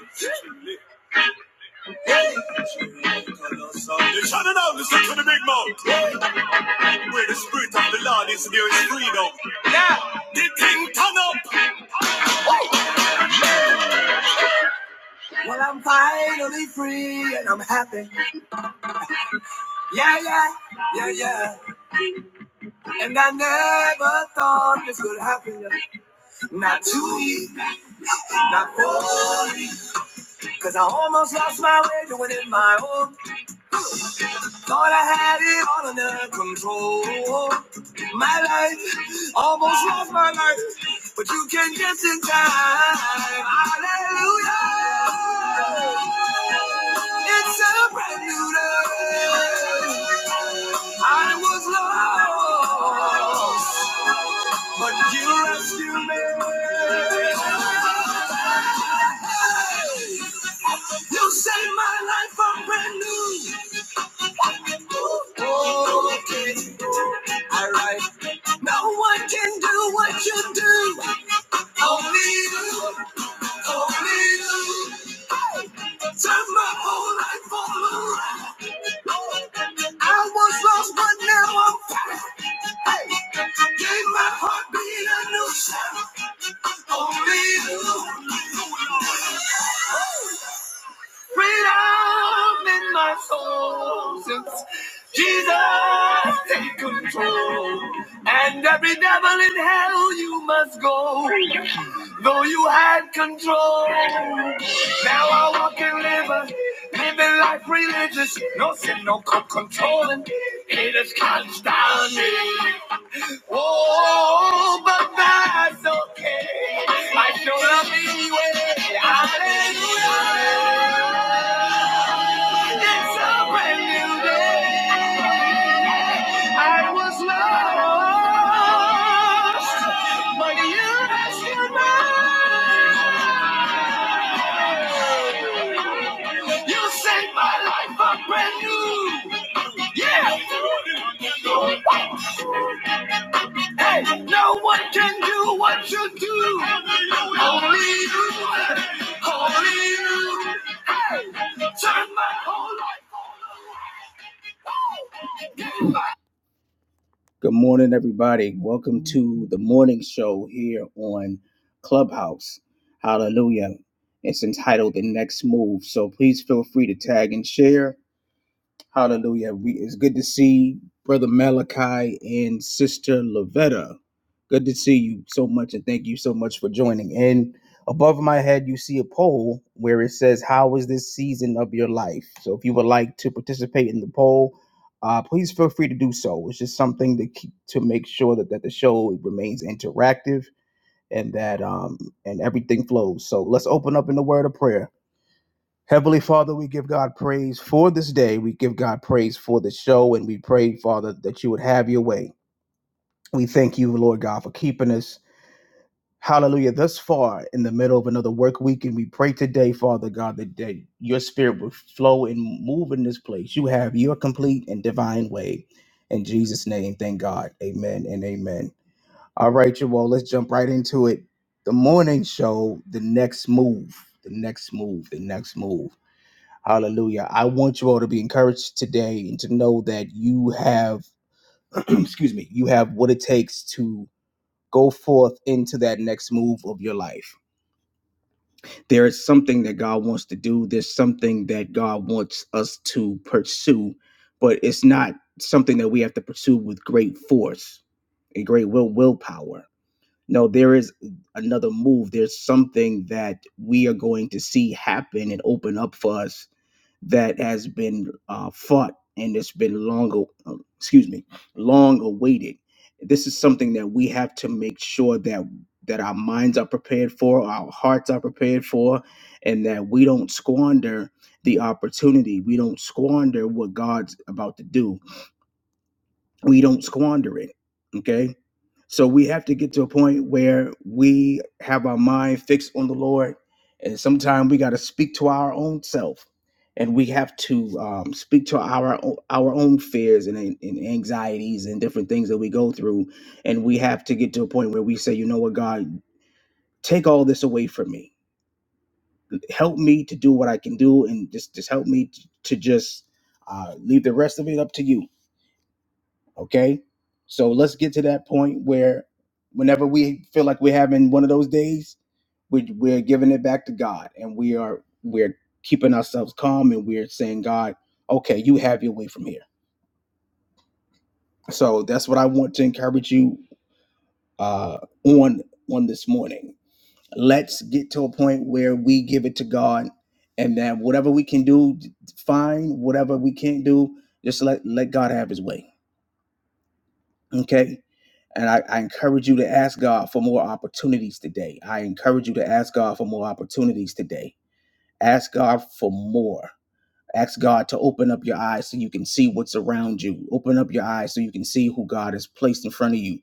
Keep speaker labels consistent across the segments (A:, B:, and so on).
A: You're trying now listen to the big mouth. Where the spirit of the Lord is, there is freedom. Yeah, the thing turn up. Well, I'm finally free and I'm happy. Yeah, yeah, yeah, yeah. And I never thought this would happen. Not to me, not for me. 'Cause I almost lost my way doing it my own Thought I had it all under control. My life almost lost my life, but you came just in time. Hallelujah! It's a brand new day. I was lost, but you rescued me. You saved my life from brand new. Okay, all right. No one can do what you do. Only you, only you. Turn my whole life all around. I was lost, but now I'm found. Hey, gave my heartbeat a new sound. Only you, Freedom in my soul since Jesus take control. And every devil in hell you must go, though you had control. Now I walk and live, living life religious. No sin, no controlling. Haters can't stand me. Oh, but that's okay. I showed up anyway. Hallelujah. Yeah. No one can do what you do. Only you, only you. Good morning, everybody. Welcome to the morning show here on Clubhouse. Hallelujah. It's entitled The Next Move. So please feel free to tag and share Hallelujah. We, it's good to see Brother Malachi and Sister Lavetta. Good to see you so much, and thank you so much for joining. And above my head, you see a poll where it says, How is this season of your life? So if you would like to participate in the poll, uh, please feel free to do so. It's just something to keep to make sure that, that the show remains interactive and that um and everything flows. So let's open up in the word of prayer. Heavenly Father, we give God praise for this day. We give God praise for the show, and we pray, Father, that you would have your way. We thank you, Lord God, for keeping us, hallelujah, thus far in the middle of another work week. And we pray today, Father God, that, that your spirit will flow and move in this place. You have your complete and divine way. In Jesus' name, thank God. Amen and amen. All right, you all, let's jump right into it. The morning show, the next move, the next move, the next move. Hallelujah. I want you all to be encouraged today and to know that you have, excuse me, you have what it takes to go forth into that next move of your life. There is something that God wants to do, there's something that God wants us to pursue, but it's not something that we have to pursue with great force and great will willpower. No, there is another move. There's something that we are going to see happen and open up for us that has been uh, fought and it's been long, uh, excuse me, long awaited. This is something that we have to make sure that that our minds are prepared for, our hearts are prepared for, and that we don't squander the opportunity. We don't squander what God's about to do. We don't squander it. Okay so we have to get to a point where we have our mind fixed on the Lord, and sometimes we got to speak to our own self, and we have to um, speak to our o- our own fears and, and anxieties and different things that we go through, and we have to get to a point where we say, you know what, God, take all this away from me, help me to do what I can do, and just just help me t- to just uh, leave the rest of it up to you Okay. So let's get to that point where whenever we feel like we're having one of those days, we, we're giving it back to God and we are, we're keeping ourselves calm and we're saying, God, okay, you have your way from here. So that's what I want to encourage you uh, on, on this morning. Let's get to a point where we give it to God and then whatever we can do, fine. Whatever we can't do, just let, let God have his way Okay. And I, I encourage you to ask God for more opportunities today. I encourage you to ask God for more opportunities today. Ask God for more. Ask God to open up your eyes so you can see what's around you. Open up your eyes so you can see who God has placed in front of you.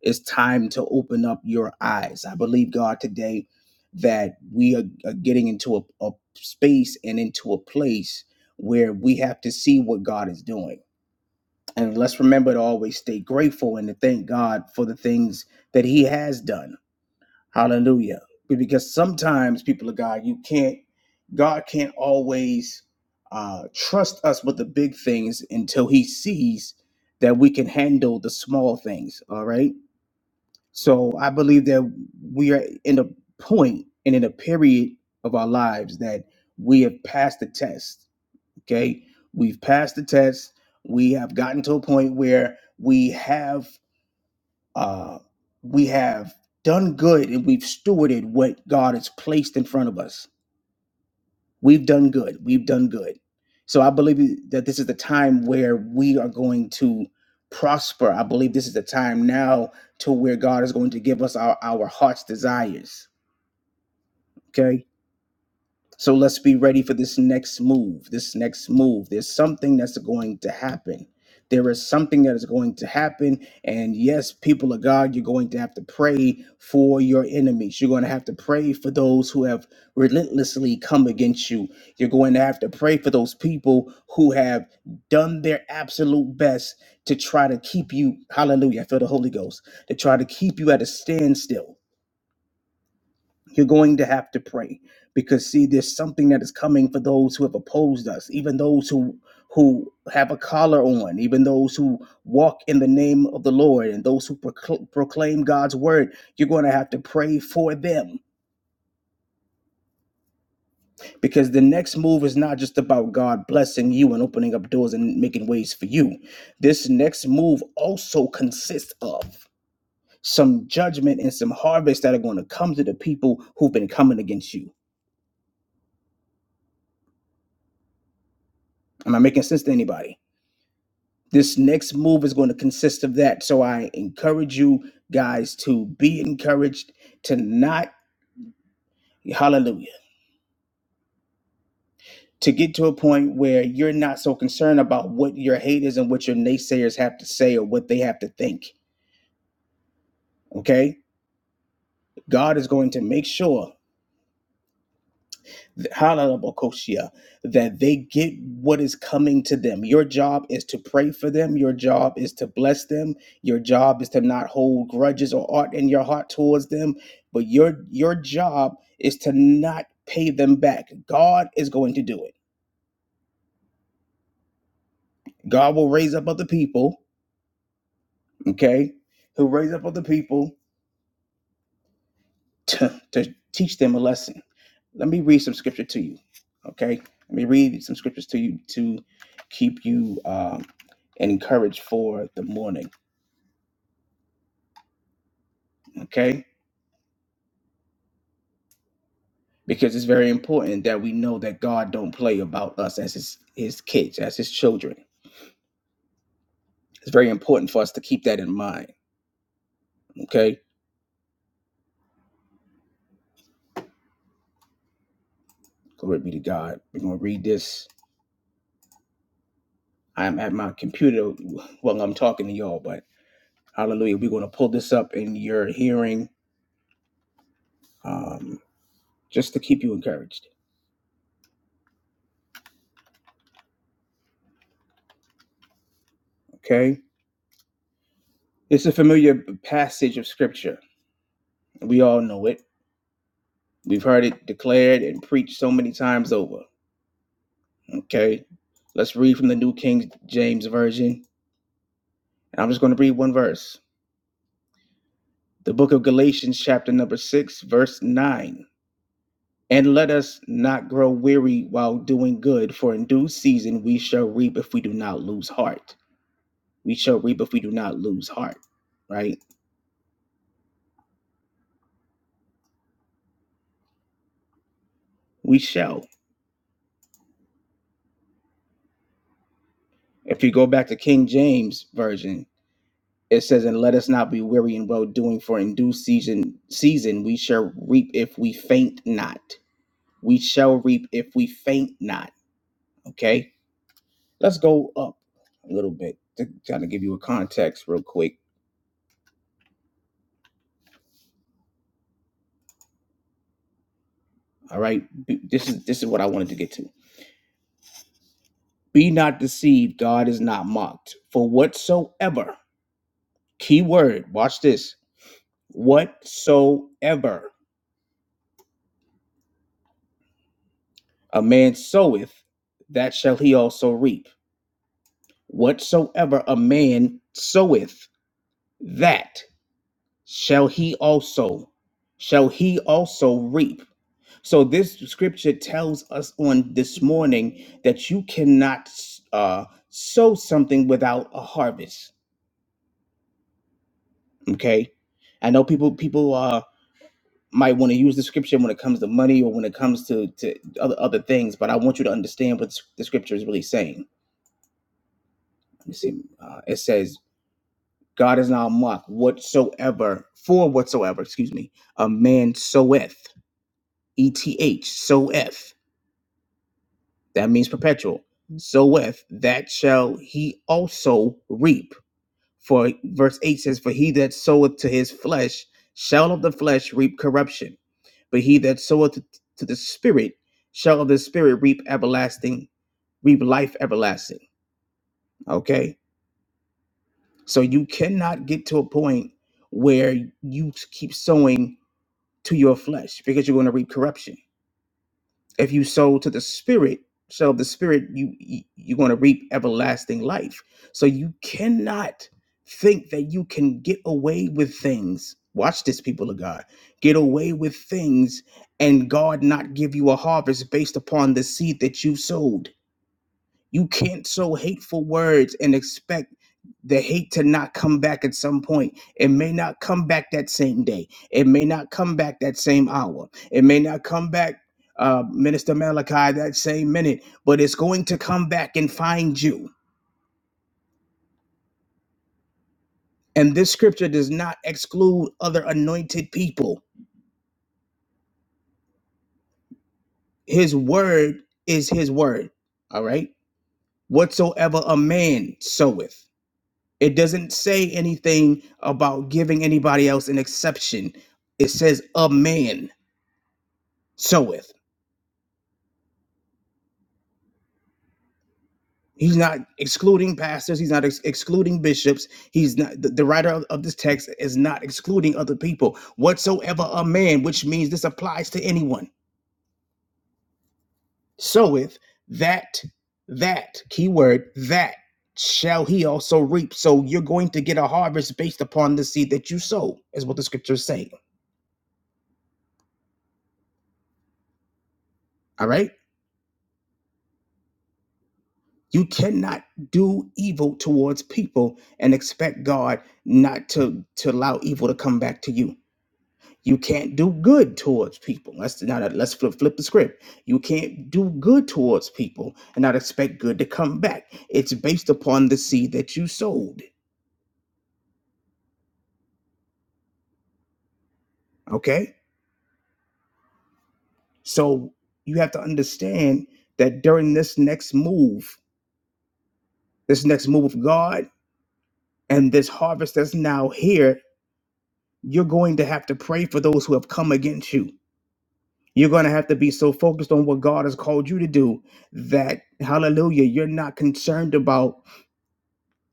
A: It's time to open up your eyes. I believe, God, today that we are, are getting into a a space and into a place where we have to see what God is doing and let's remember to always stay grateful and to thank God for the things that He has done. Hallelujah. Because sometimes, people of God, you can't, God can't always uh, trust us with the big things until He sees that we can handle the small things. All right. So I believe that we are in a point and in a period of our lives that we have passed the test Okay. We've passed the test. We have gotten to a point where we have uh we have done good and we've stewarded what God has placed in front of us. We've done good. We've done good. So I believe that this is the time where we are going to prosper. I believe this is the time now to where God is going to give us our, our heart's desires. Okay So let's be ready for this next move, this next move. There's something that's going to happen. There is something that is going to happen. And yes, people of God, you're going to have to pray for your enemies. You're going to have to pray for those who have relentlessly come against you. You're going to have to pray for those people who have done their absolute best to try to keep you, hallelujah, I feel the Holy Ghost, to try to keep you at a standstill you're going to have to pray because see, there's something that is coming for those who have opposed us, even those who who have a collar on, even those who walk in the name of the Lord, and those who procl- proclaim God's word. You're going to have to pray for them because the next move is not just about God blessing you and opening up doors and making ways for you. This next move also consists of some judgment and some harvest that are going to come to the people who've been coming against you. Am I making sense to anybody? this next move is going to consist of that. So I encourage you guys to be encouraged to not, hallelujah, to get to a point where you're not so concerned about what your haters and what your naysayers have to say or what they have to think. Okay? God is going to make sure. Halalabokosia, that they get what is coming to them. Your job is to pray for them. Your job is to bless them. Your job is to not hold grudges or art in your heart towards them. But your your job is to not pay them back. God is going to do it. God will raise up other people, okay? He'll raise up other people to, to teach them a lesson. Let me read some scripture to you. Okay. Let me read some scriptures to you to keep you um, encouraged for the morning. Okay. Because it's very important that we know that God don't play about us as his, his kids, as his children. It's very important for us to keep that in mind. Okay. Glory be to God. We're going to read this. I'm at my computer while I'm talking to y'all, but hallelujah. We're going to pull this up in your hearing um, just to keep you encouraged. Okay? It's a familiar passage of scripture. We all know it. We've heard it declared and preached so many times over. Okay? Let's read from the New King James Version. I'm just going to read one verse. The book of Galatians, chapter number 6, verse 9. And let us not grow weary while doing good, for in due season we shall reap if we do not lose heart. We shall reap if we do not lose heart, right? We shall. If you go back to King James Version, It says, "And let us not be weary in well doing, for in due season season we shall reap if we faint not. We shall reap if we faint not." Okay, let's go up a little bit to kind of give you a context real quick. All right, B- this is this is what I wanted to get to. Be not deceived; God is not mocked. For whatsoever, key word, watch this. Whatsoever a man soweth, that shall he also reap. Whatsoever a man soweth, that shall he also shall he also reap. So this scripture tells us on this morning that you cannot uh, sow something without a harvest. Okay, I know people people uh, might want to use the scripture when it comes to money or when it comes to to other other things, but I want you to understand what the scripture is really saying. Let me see. Uh, it says God is not mocked whatsoever, for whatsoever, excuse me, a man soweth, E T H, soweth, that means perpetual, soweth, that shall he also reap. For verse 8 says, For he that soweth to his flesh shall of the flesh reap corruption, but he that soweth to the Spirit shall of the Spirit reap everlasting, reap life everlasting. Okay? So you cannot get to a point where you keep sowing to your flesh because you're going to reap corruption. If you sow to the spirit, so the spirit you you- you're going to reap everlasting life. So you cannot think that you can get away with things. Watch this people of God. Get away with things and God not give you a harvest based upon the seed that you sowed you can't sow hateful words and expect the hate to not come back at some point. It may not come back that same day. It may not come back that same hour. It may not come back, uh, Minister Malachi, that same minute, but it's going to come back and find you. And this scripture does not exclude other anointed people. His word is his word. All right? Whatsoever a man soweth. It doesn't say anything about giving anybody else an exception. It says a man soweth. He's not excluding pastors. He's not ex- excluding bishops. He's not the, the writer of, of this text is not excluding other people whatsoever. A man, which means this applies to anyone, soweth that that keyword that shall he also reap. So you're going to get a harvest based upon the seed that you sow, is what the scripture is saying. All right. You cannot do evil towards people and expect God not to, to allow evil to come back to you. You can't do good towards people. Let's now that- let's flip, flip the script. You can't do good towards people and not expect good to come back. It's based upon the seed that you sowed. Okay, so you have to understand that during this next move, this next move of God, and this harvest that's now here, you're going to have to pray for those who have come against you You're going to have to be so focused on what God has called you to do that, hallelujah, you're not concerned about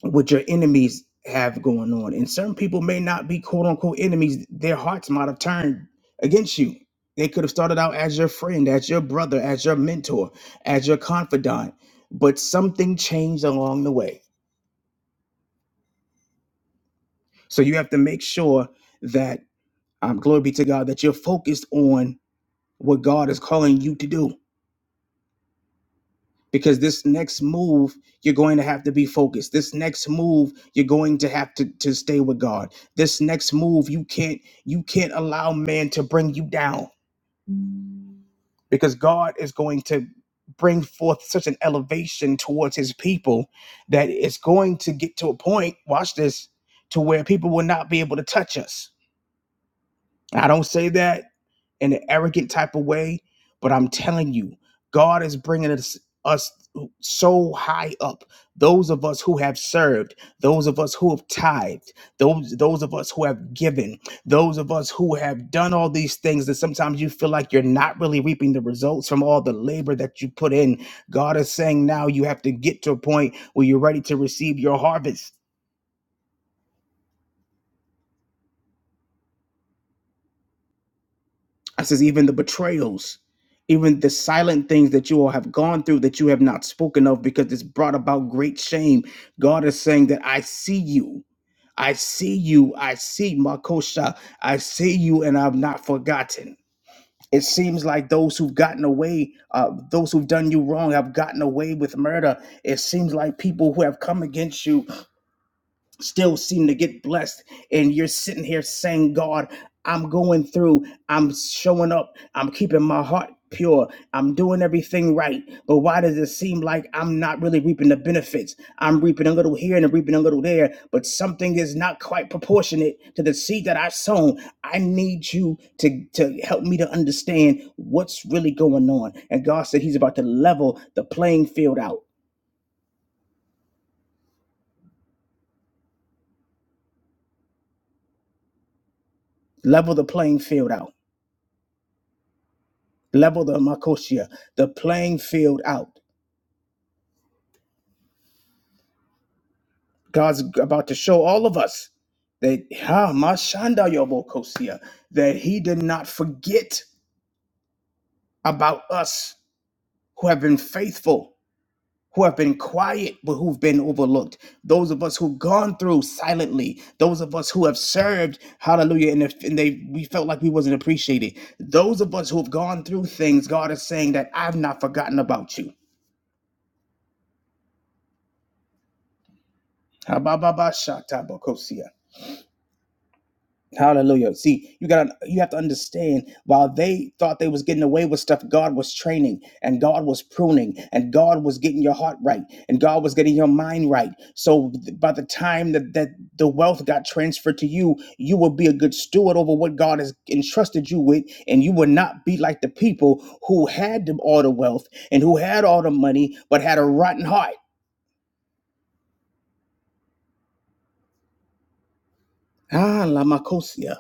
A: what your enemies have going on. And certain people may not be quote unquote enemies, their hearts might have turned against you. They could have started out as your friend, as your brother, as your mentor, as your confidant, but something changed along the way. So you have to make sure that, um, glory be to God, that you're focused on what God is calling you to do because this next move you're going to have to be focused this next move you're going to have to, to stay with god this next move you can't you can't allow man to bring you down because god is going to bring forth such an elevation towards his people that it's going to get to a point watch this to where people will not be able to touch us i don't say that in an arrogant type of way, but I'm telling you, God is bringing us us so high up. Those of us who have served, those of us who have tithed, those those of us who have given, those of us who have done all these things that sometimes you feel like you're not really reaping the results from all the labor that you put in. God is saying now you have to get to a point where you're ready to receive your harvest I says, even the betrayals, even the silent things that you all have gone through that you have not spoken of because it's brought about great shame. God is saying that I see you. I see you. I see Makosha. I see you, and I've not forgotten. It seems like those who've gotten away, uh, those who've done you wrong, have gotten away with murder. It seems like people who have come against you still seem to get blessed and you're sitting here saying god i'm going through i'm showing up i'm keeping my heart pure i'm doing everything right but why does it seem like i'm not really reaping the benefits i'm reaping a little here and I'm reaping a little there but something is not quite proportionate to the seed that i've sown i need you to to help me to understand what's really going on and god said he's about to level the playing field out level the playing field out level the makosia, the playing field out. God's about to show all of us that ha mashanda yobokosia, that He did not forget about us who have been faithful, who have been quiet, but who've been overlooked. Those of us who've gone through silently, those of us who have served, hallelujah, and, if, and they we felt like we wasn't appreciated. Those of us who have gone through things, God is saying that I've not forgotten about you. Habababashatabokosia. Hallelujah. See, you got to you have to understand while they thought they was getting away with stuff, God was training and God was pruning and God was getting your heart right and God was getting your mind right. So th- by the time that, that the wealth got transferred to you, you will be a good steward over what God has entrusted you with and you will not be like the people who had them all the wealth and who had all the money but had a rotten heart. Ah, la macosia.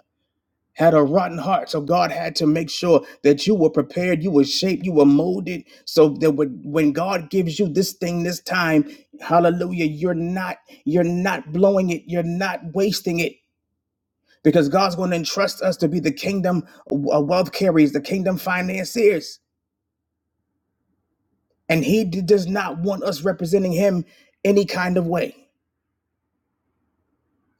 A: had a rotten heart. So God had to make sure that you were prepared, you were shaped, you were molded, so that when when God gives you this thing this time, hallelujah, you're not you're not blowing it, you're not wasting it. Because God's going to entrust us to be the kingdom uh, wealth carriers, the kingdom financiers. And He d- does not want us representing Him any kind of way.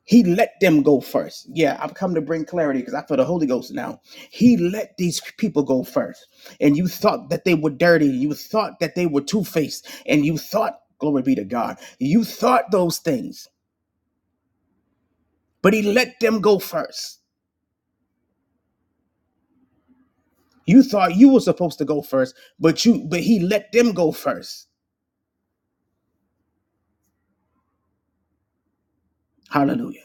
A: He let them go first. Yeah, I've come to bring clarity because I feel the Holy Ghost now. He let these people go first. And you thought that they were dirty. You thought that they were two faced. And you thought, glory be to God, you thought those things. But he let them go first. You thought you were supposed to go first, but you but he let them go first. Hallelujah.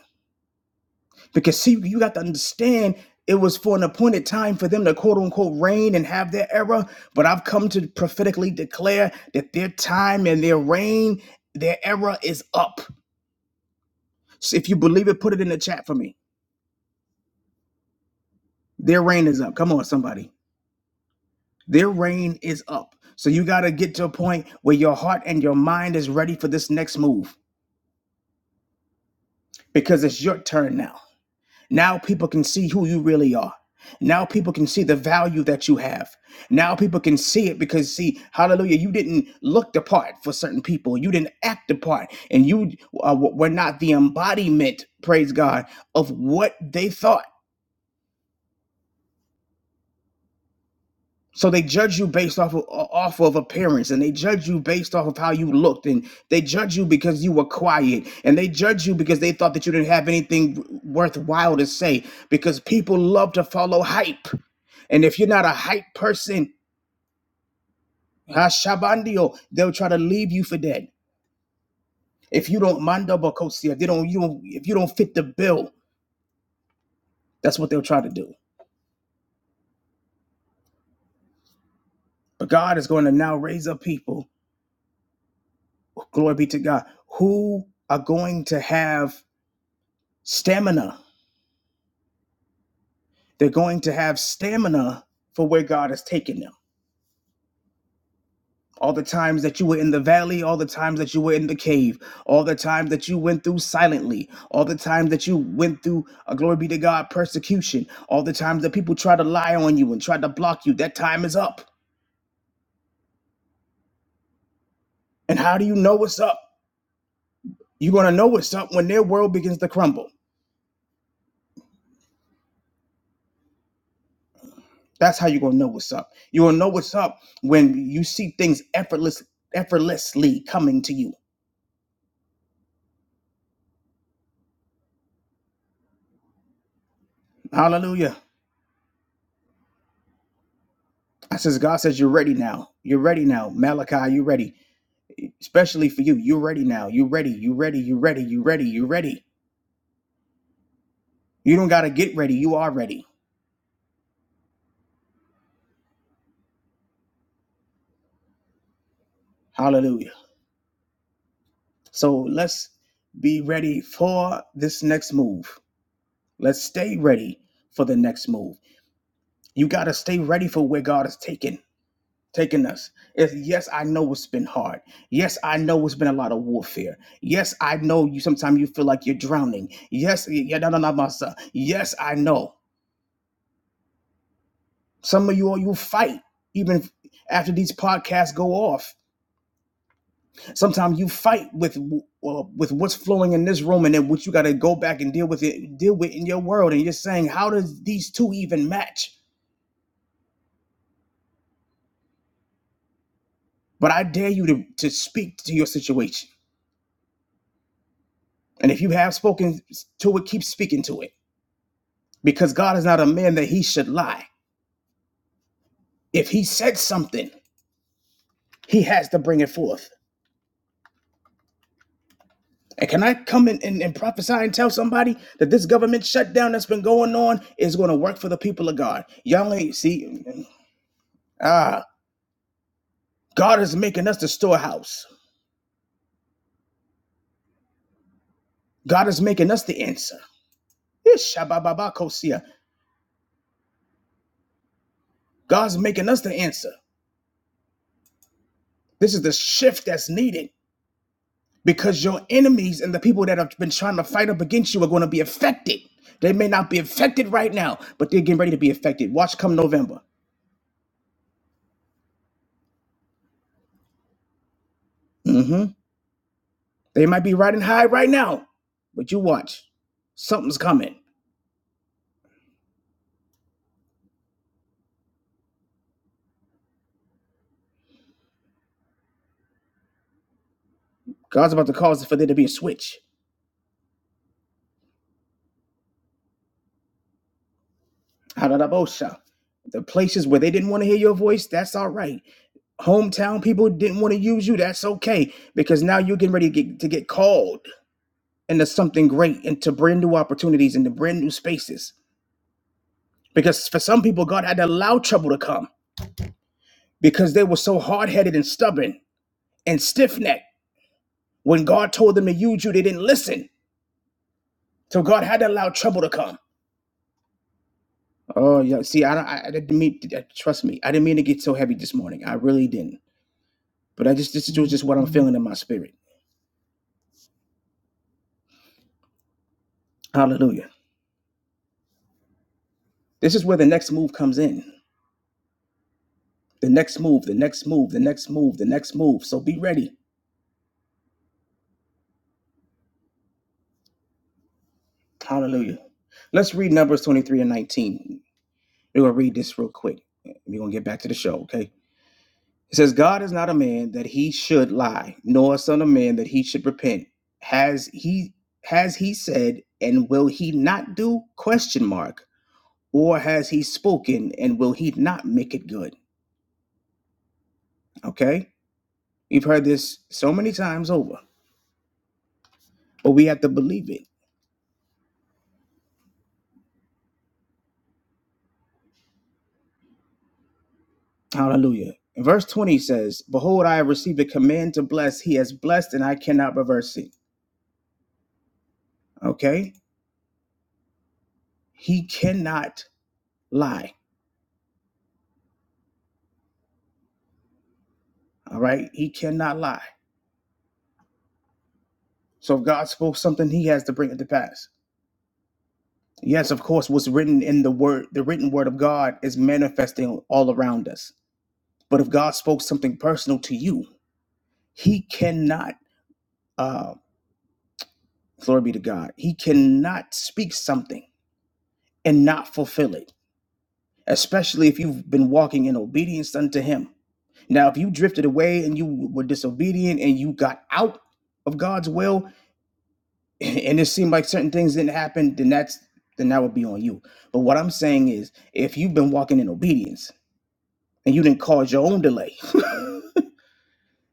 A: Because see, you got to understand it was for an appointed time for them to quote unquote reign and have their era. But I've come to prophetically declare that their time and their reign, their era is up. So if you believe it, put it in the chat for me. Their reign is up. Come on, somebody. Their reign is up. So you got to get to a point where your heart and your mind is ready for this next move because it's your turn now. Now people can see who you really are. Now people can see the value that you have. Now people can see it because see, hallelujah, you didn't look the part for certain people. You didn't act the part and you uh, were not the embodiment, praise God, of what they thought. So they judge you based off of, off of appearance, and they judge you based off of how you looked, and they judge you because you were quiet, and they judge you because they thought that you didn't have anything worthwhile to say. Because people love to follow hype, and if you're not a hype person, Hashabandio, they'll try to leave you for dead. If you don't manda bakosi, if they don't, you don't, if you don't fit the bill, that's what they'll try to do. But God is going to now raise up people. Glory be to God, who are going to have stamina They're going to have stamina for where God has taken them. All the times that you were in the valley, all the times that you were in the cave, all the times that you went through silently, all the times that you went through, uh, glory be to God, persecution, all the times that people try to lie on you and try to block you, that time is up. And how do you know what's up? You're going to know what's up when their world begins to crumble. That's how you're going to know what's up. You're going to know what's up when you see things effortless, effortlessly coming to you. Hallelujah. I says, God says, you're ready now. You're ready now. Malachi, you're ready. Especially for you. You're ready now. You're ready. You're ready. You're ready. You're ready. You're ready. You don't got to get ready. You are ready. Hallelujah. So let's be ready for this next move. Let's stay ready for the next move. You got to stay ready for where God is taking taking us. It's, yes, I know it's been hard. Yes, I know it's been a lot of warfare. Yes, I know you sometimes you feel like you're drowning. Yes, yeah, no, no, no, my son. Yes, I know. Some of you all you fight even if- after these podcasts go off. Sometimes you fight with uh, with what's flowing in this room, and then what you got to go back and deal with it, deal with in your world, and you're saying, how does these two even match? But I dare you to to speak to your situation, and if you have spoken to it, keep speaking to it, because God is not a man that he should lie. If he said something, he has to bring it forth. And can I come in and, and prophesy and tell somebody that this government shutdown that's been going on is going to work for the people of God? Y'all ain't see, ah, God is making us the storehouse. God is making us the answer. Yes, shabababakosia. God's making us the answer. This is the shift that's needed because your enemies and the people that have been trying to fight up against you are going to be affected. They may not be affected right now, but they're getting ready to be affected. Watch come November. Mm-hmm. They might be riding high right now, but you watch. Something's coming. God's about to cause for there to be a switch. Harabosha. The places where they didn't want to hear your voice, that's all right. Hometown people didn't want to use you, that's okay. Because now you're getting ready to get, to get called into something great, into brand new opportunities, into brand new spaces. Because for some people, God had to allow trouble to come because they were so hard headed and stubborn and stiff necked. When God told them to use you, they didn't listen. So God had to allow trouble to come. Oh yeah. See, I don't. I, I didn't mean. I- Trust me, I didn't mean to get so heavy this morning. I really didn't. But I just this is just what I'm feeling in my spirit. Hallelujah. This is where the next move comes in. The next move. The next move. The next move. The next move. So be ready. Hallelujah. Let's read Numbers 23 and 19. We're gonna read this real quick. We're gonna get back to the show. Okay. It says, God is not a man that he should lie, nor a son of man that he should repent. Has he has he said, and will he not do? Question mark. Or has he spoken and will he not make it good? Okay? We've heard this so many times over, but we have to believe it. Hallelujah. And verse 20 says, Behold, I have received a command to bless. He has blessed and I cannot reverse it. Okay? He cannot lie. All right? He cannot lie. So if God spoke something, he has to bring it to pass. Yes, of course, what's written in the word, the written word of God is manifesting all around us. But if God spoke something personal to you, he cannot Uh, glory be to God. He cannot speak something and not fulfill it, especially if you've been walking in obedience unto Him. Now, if you drifted away and you were disobedient and you got out of God's will, and it seemed like certain things didn't happen, then that's then that would be on you. But what I'm saying is, if you've been walking in obedience and you didn't cause your own delay,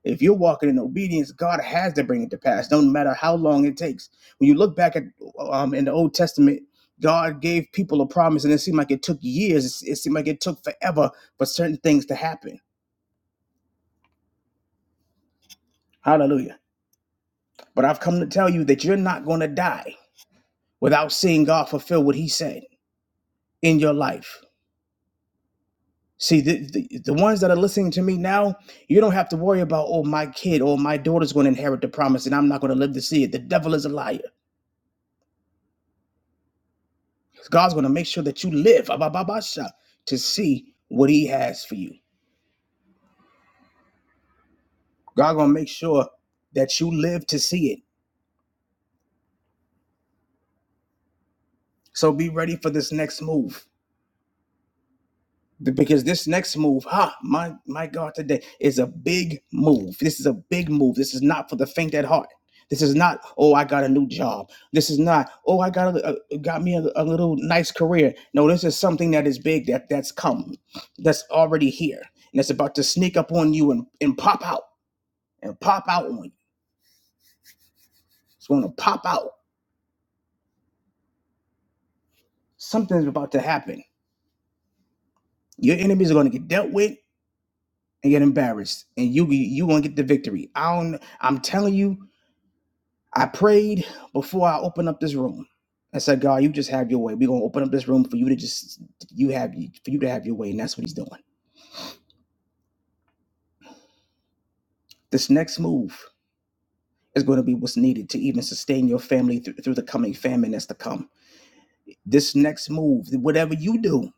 A: If you're walking in obedience, God has to bring it to pass, no matter how long it takes. When you look back at um, in the Old Testament, God gave people a promise, and it seemed like it took years. It seemed like it took forever for certain things to happen. Hallelujah. But I've come to tell you that you're not going to die without seeing God fulfill what He said in your life. See, the, the, the ones that are listening to me now, you don't have to worry about, oh, my kid or my daughter's going to inherit the promise and I'm not going to live to see it. The devil is a liar. 'Cause God's going to make sure that you live abababasha, to see what He has for you. God's going to make sure that you live to see it. So be ready for this next move. Because this next move, ha, my my God, today is a big move. This is a big move. This is not for the faint at heart. This is not, oh, I got a new job. This is not, oh, I got a, a- got me a, a little nice career. No, this is something that is big that that's come, that's already here, and it's about to sneak up on you and, and pop out. and pop out on you. It's going to pop out. Something's about to happen. Your enemies are going to get dealt with and get embarrassed, and you you going to get the victory. I don't. I'm telling you. I prayed before I opened up this room. I said, God, you just have your way. We're gonna open up this room for you to just you have for you to have your way, and that's what He's doing. This next move is going to be what's needed to even sustain your family through, through the coming famine that's to come. This next move, whatever you do,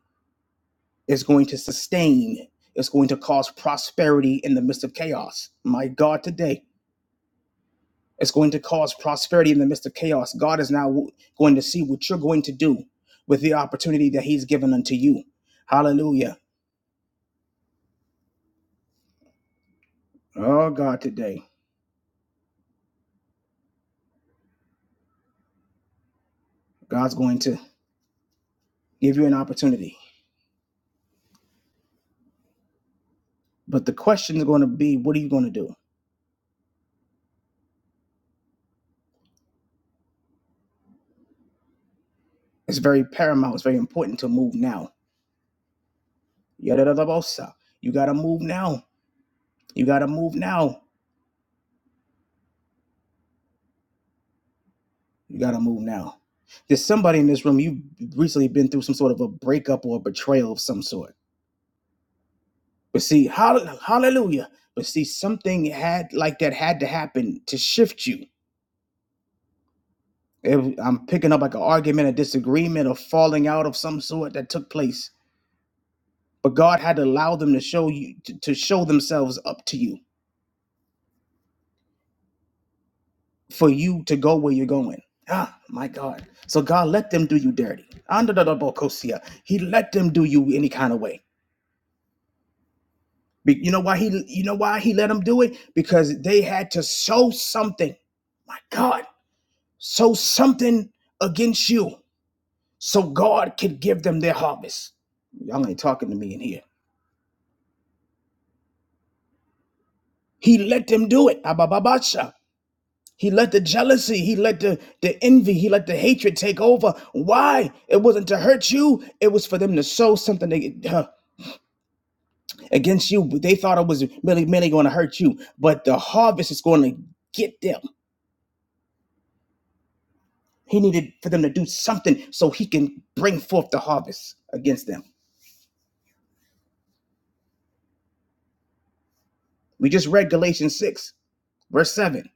A: Is going to sustain. It's going to cause prosperity in the midst of chaos. My God, today. It's going to cause prosperity in the midst of chaos. God is now going to see what you're going to do with the opportunity that He's given unto you. Hallelujah. Oh, God, today. God's going to give you an opportunity. But the question is going to be, what are you going to do? It's very paramount. It's very important to move now. You got to move now. You got to move now. You got to move now. There's somebody in this room, you've recently been through some sort of a breakup or a betrayal of some sort. But see, hall- hallelujah. But see, something had like that had to happen to shift you. If I'm picking up like an argument, a disagreement, a falling out of some sort that took place. But God had to allow them to show you to, to show themselves up to you for you to go where you're going. Ah, my God. So God let them do you dirty. Under the double He let them do you any kind of way Be- you know why he you know why he let them do it? Because they had to sow something. My God, sow something against you so God could give them their harvest. Y'all ain't talking to me in here. He let them do it. Abababasha. He let the jealousy, he let the, the envy, he let the hatred take over. Why? It wasn't to hurt you, it was for them to sow something they- huh, against you. They thought it was merely, merely going to hurt you, but the harvest is going to get them. He needed for them to do something so he can bring forth the harvest against them. We just read Galatians 6, verse 7.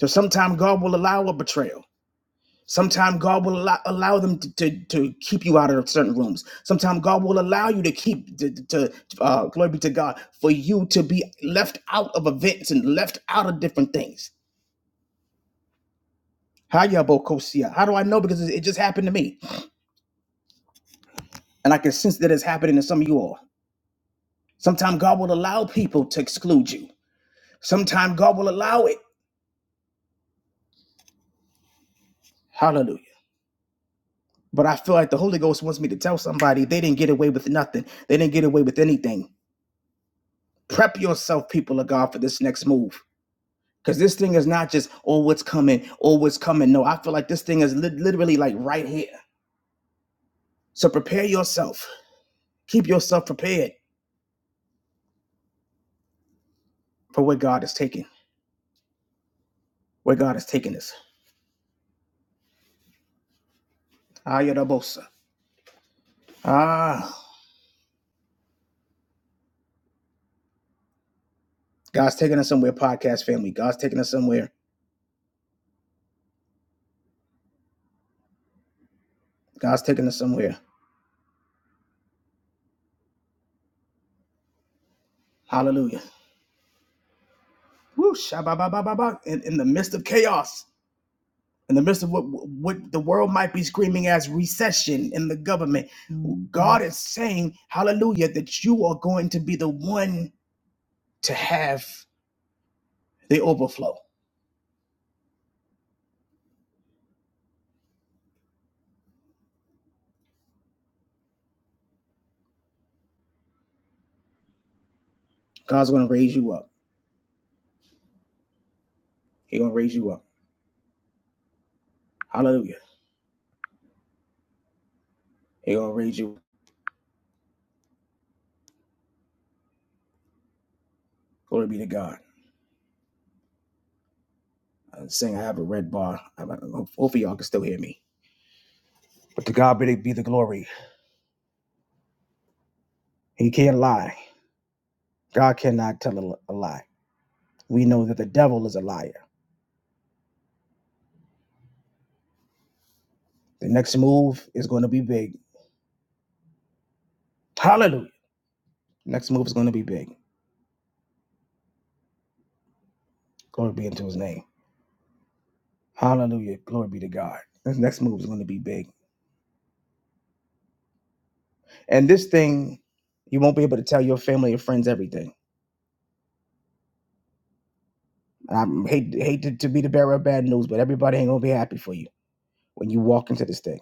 A: So sometime God will allow a betrayal. Sometime God will allow, allow them to, to, to keep you out of certain rooms. Sometime God will allow you to keep, to, to uh, glory be to God, for you to be left out of events and left out of different things. How ya Bokosia? How do I know? Because it just happened to me. And I can sense that it's happening to some of you all. Sometimes God will allow people to exclude you. Sometimes God will allow it. Hallelujah. But I feel like the Holy Ghost wants me to tell somebody they didn't get away with nothing. They didn't get away with anything. Prep yourself, people of God, for this next move. Because this thing is not just, oh, what's coming, oh, what's coming. No, I feel like this thing is lit literally like right here. So prepare yourself. Keep yourself prepared for what God is taking, where God is taking us. Ayadabosa. Ah, God's taking us somewhere, podcast family. God's taking us somewhere. God's taking us somewhere. Hallelujah. Whoosh! shabba-ba-ba-ba-ba, in, in the midst of chaos, in the midst of what, what the world might be screaming as recession in the government, mm-hmm. God is saying, hallelujah, that you are going to be the one to have the overflow. God's going to raise you up. He's going to raise you up. Hallelujah. He's going to raise you up. Glory be to God. I'm saying I have a red bar. I- I- Hopefully y'all can still hear me. But to God be the glory. He can't lie. God cannot tell a lie. We know that the devil is a liar. The next move is going to be big. Hallelujah. Next move is going to be big. Glory be unto his name. Hallelujah. Glory be to God. This next move is going to be big. And this thing, you won't be able to tell your family and friends everything. I hate, hate to, to be the bearer of bad news, but everybody ain't going to be happy for you when you walk into this thing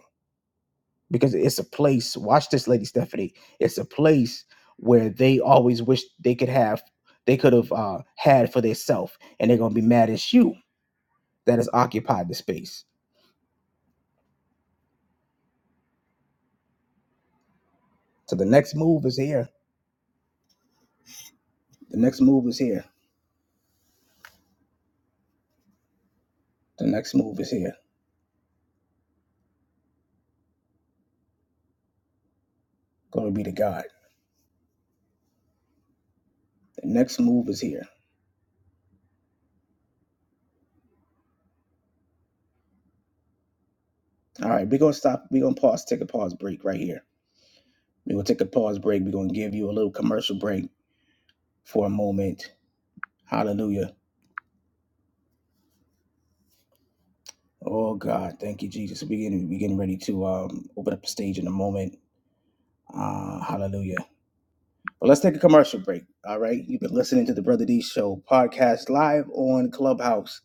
A: because it's a place. Watch this, Lady Stephanie. It's a place where they always wish they could have, they could have uh, had for themselves. And they're going to be mad at you that has occupied the space. So the next move is here. The next move is here. The next move is here. Glory be to God. The next move is here. All right, we're gonna stop. We're gonna pause, take a pause break right here. We're gonna take a pause break. We're gonna give you a little commercial break for a moment. Hallelujah. Oh God, thank you, Jesus. We're getting we're getting ready to um open up the stage in a moment. Uh hallelujah. But let's take a commercial break. All right. You've been listening to the Brother D Show podcast live on Clubhouse.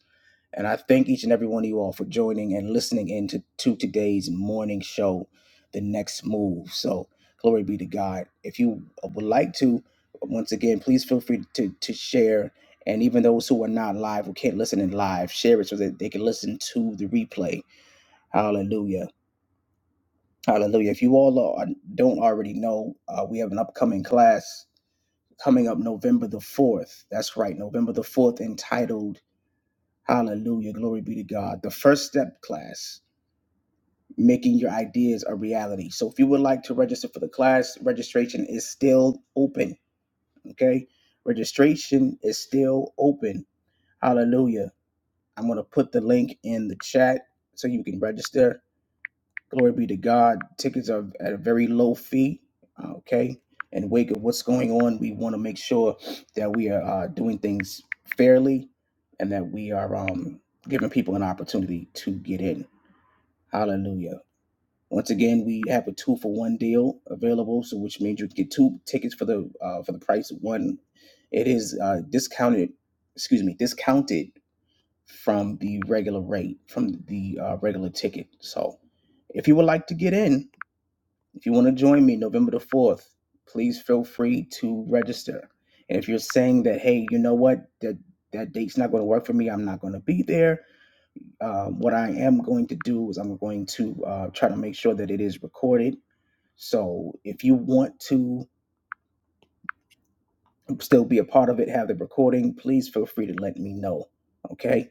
A: And I thank each and every one of you all for joining and listening in to, to today's morning show, The Next Move. So, glory be to God. If you would like to, once again, please feel free to, to share. And even those who are not live, who can't listen in live, share it so that they can listen to the replay. Hallelujah. Hallelujah. If you all are, don't already know, uh, we have an upcoming class coming up November the 4th. That's right, November the 4th, entitled Hallelujah. Glory be to God. The first step class, making your ideas a reality. So if you would like to register for the class, registration is still open. Okay. Registration is still open. Hallelujah. I'm going to put the link in the chat so you can register. Glory be to God. Tickets are at a very low fee. uh, Okay. In wake of what's going on, we want to make sure that we are uh, doing things fairly and that we are um, giving people an opportunity to get in. Hallelujah. Once again, we have a two for one deal available, so which means you can get two tickets for the uh, for the price of one. It is uh, discounted, excuse me, discounted from the regular rate, from the uh, regular ticket. So, if you would like to get in, if you want to join me November the 4th, please feel free to register. And if you're saying that, hey, you know what, that, that date's not going to work for me, I'm not going to be there, um, what I am going to do is I'm going to uh, try to make sure that it is recorded. So if you want to still be a part of it, have the recording, please feel free to let me know. Okay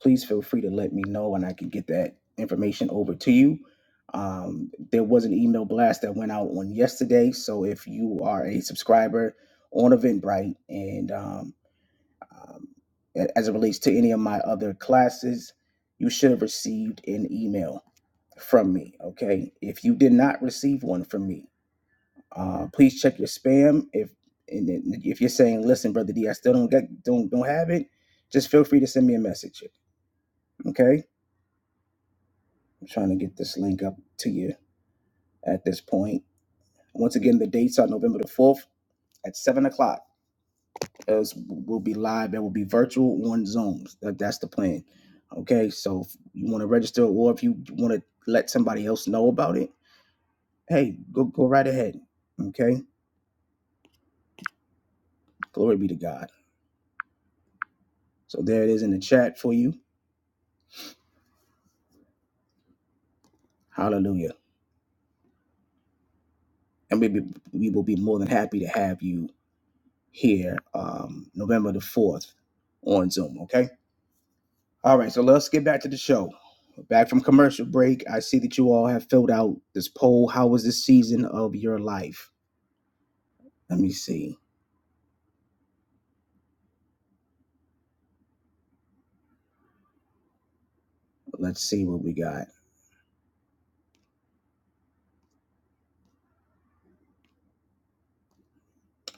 A: please feel free to let me know and I can get that information over to you. Um, there was an email blast that went out on yesterday. So if you are a subscriber on Eventbrite and um, um, as it relates to any of my other classes, you should have received an email from me. Okay. If you did not receive one from me, uh, please check your spam. If and if you're saying, listen, brother D, I still don't get don't don't have it, just feel free to send me a message. Okay I'm trying to get this link up to you at this point. Once again, the dates are November the 4th at 7 o'clock. As we will be live, it will be virtual on Zoom. That- That's the plan. Okay, so if you want to register or if you want to let somebody else know about it, hey, go, go right ahead. Okay, glory be to God. So there it is in the chat for you. Hallelujah. And we, be, we will be more than happy to have you here um, November the 4th on Zoom. Okay. All right, so let's get back to the show. Back from commercial break, I see that you all have filled out this poll. How was the season of your life? Let me see. Let's see what we got.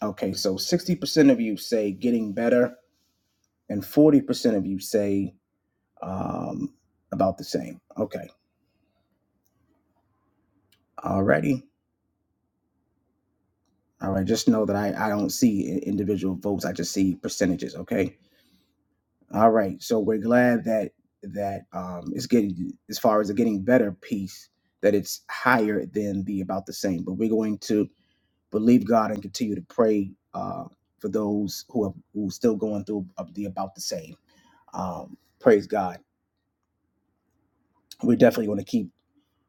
A: Okay, so 60% of you say getting better, and 40% of you say um, about the same. Okay, alrighty. All right, just know that I, I don't see individual votes, I just see percentages, okay? All right. So we're glad that that um it's getting as far as the getting better piece that it's higher than the about the same. But we're going to believe God and continue to pray uh for those who are who are still going through the about the same. Um praise God. We're definitely going to keep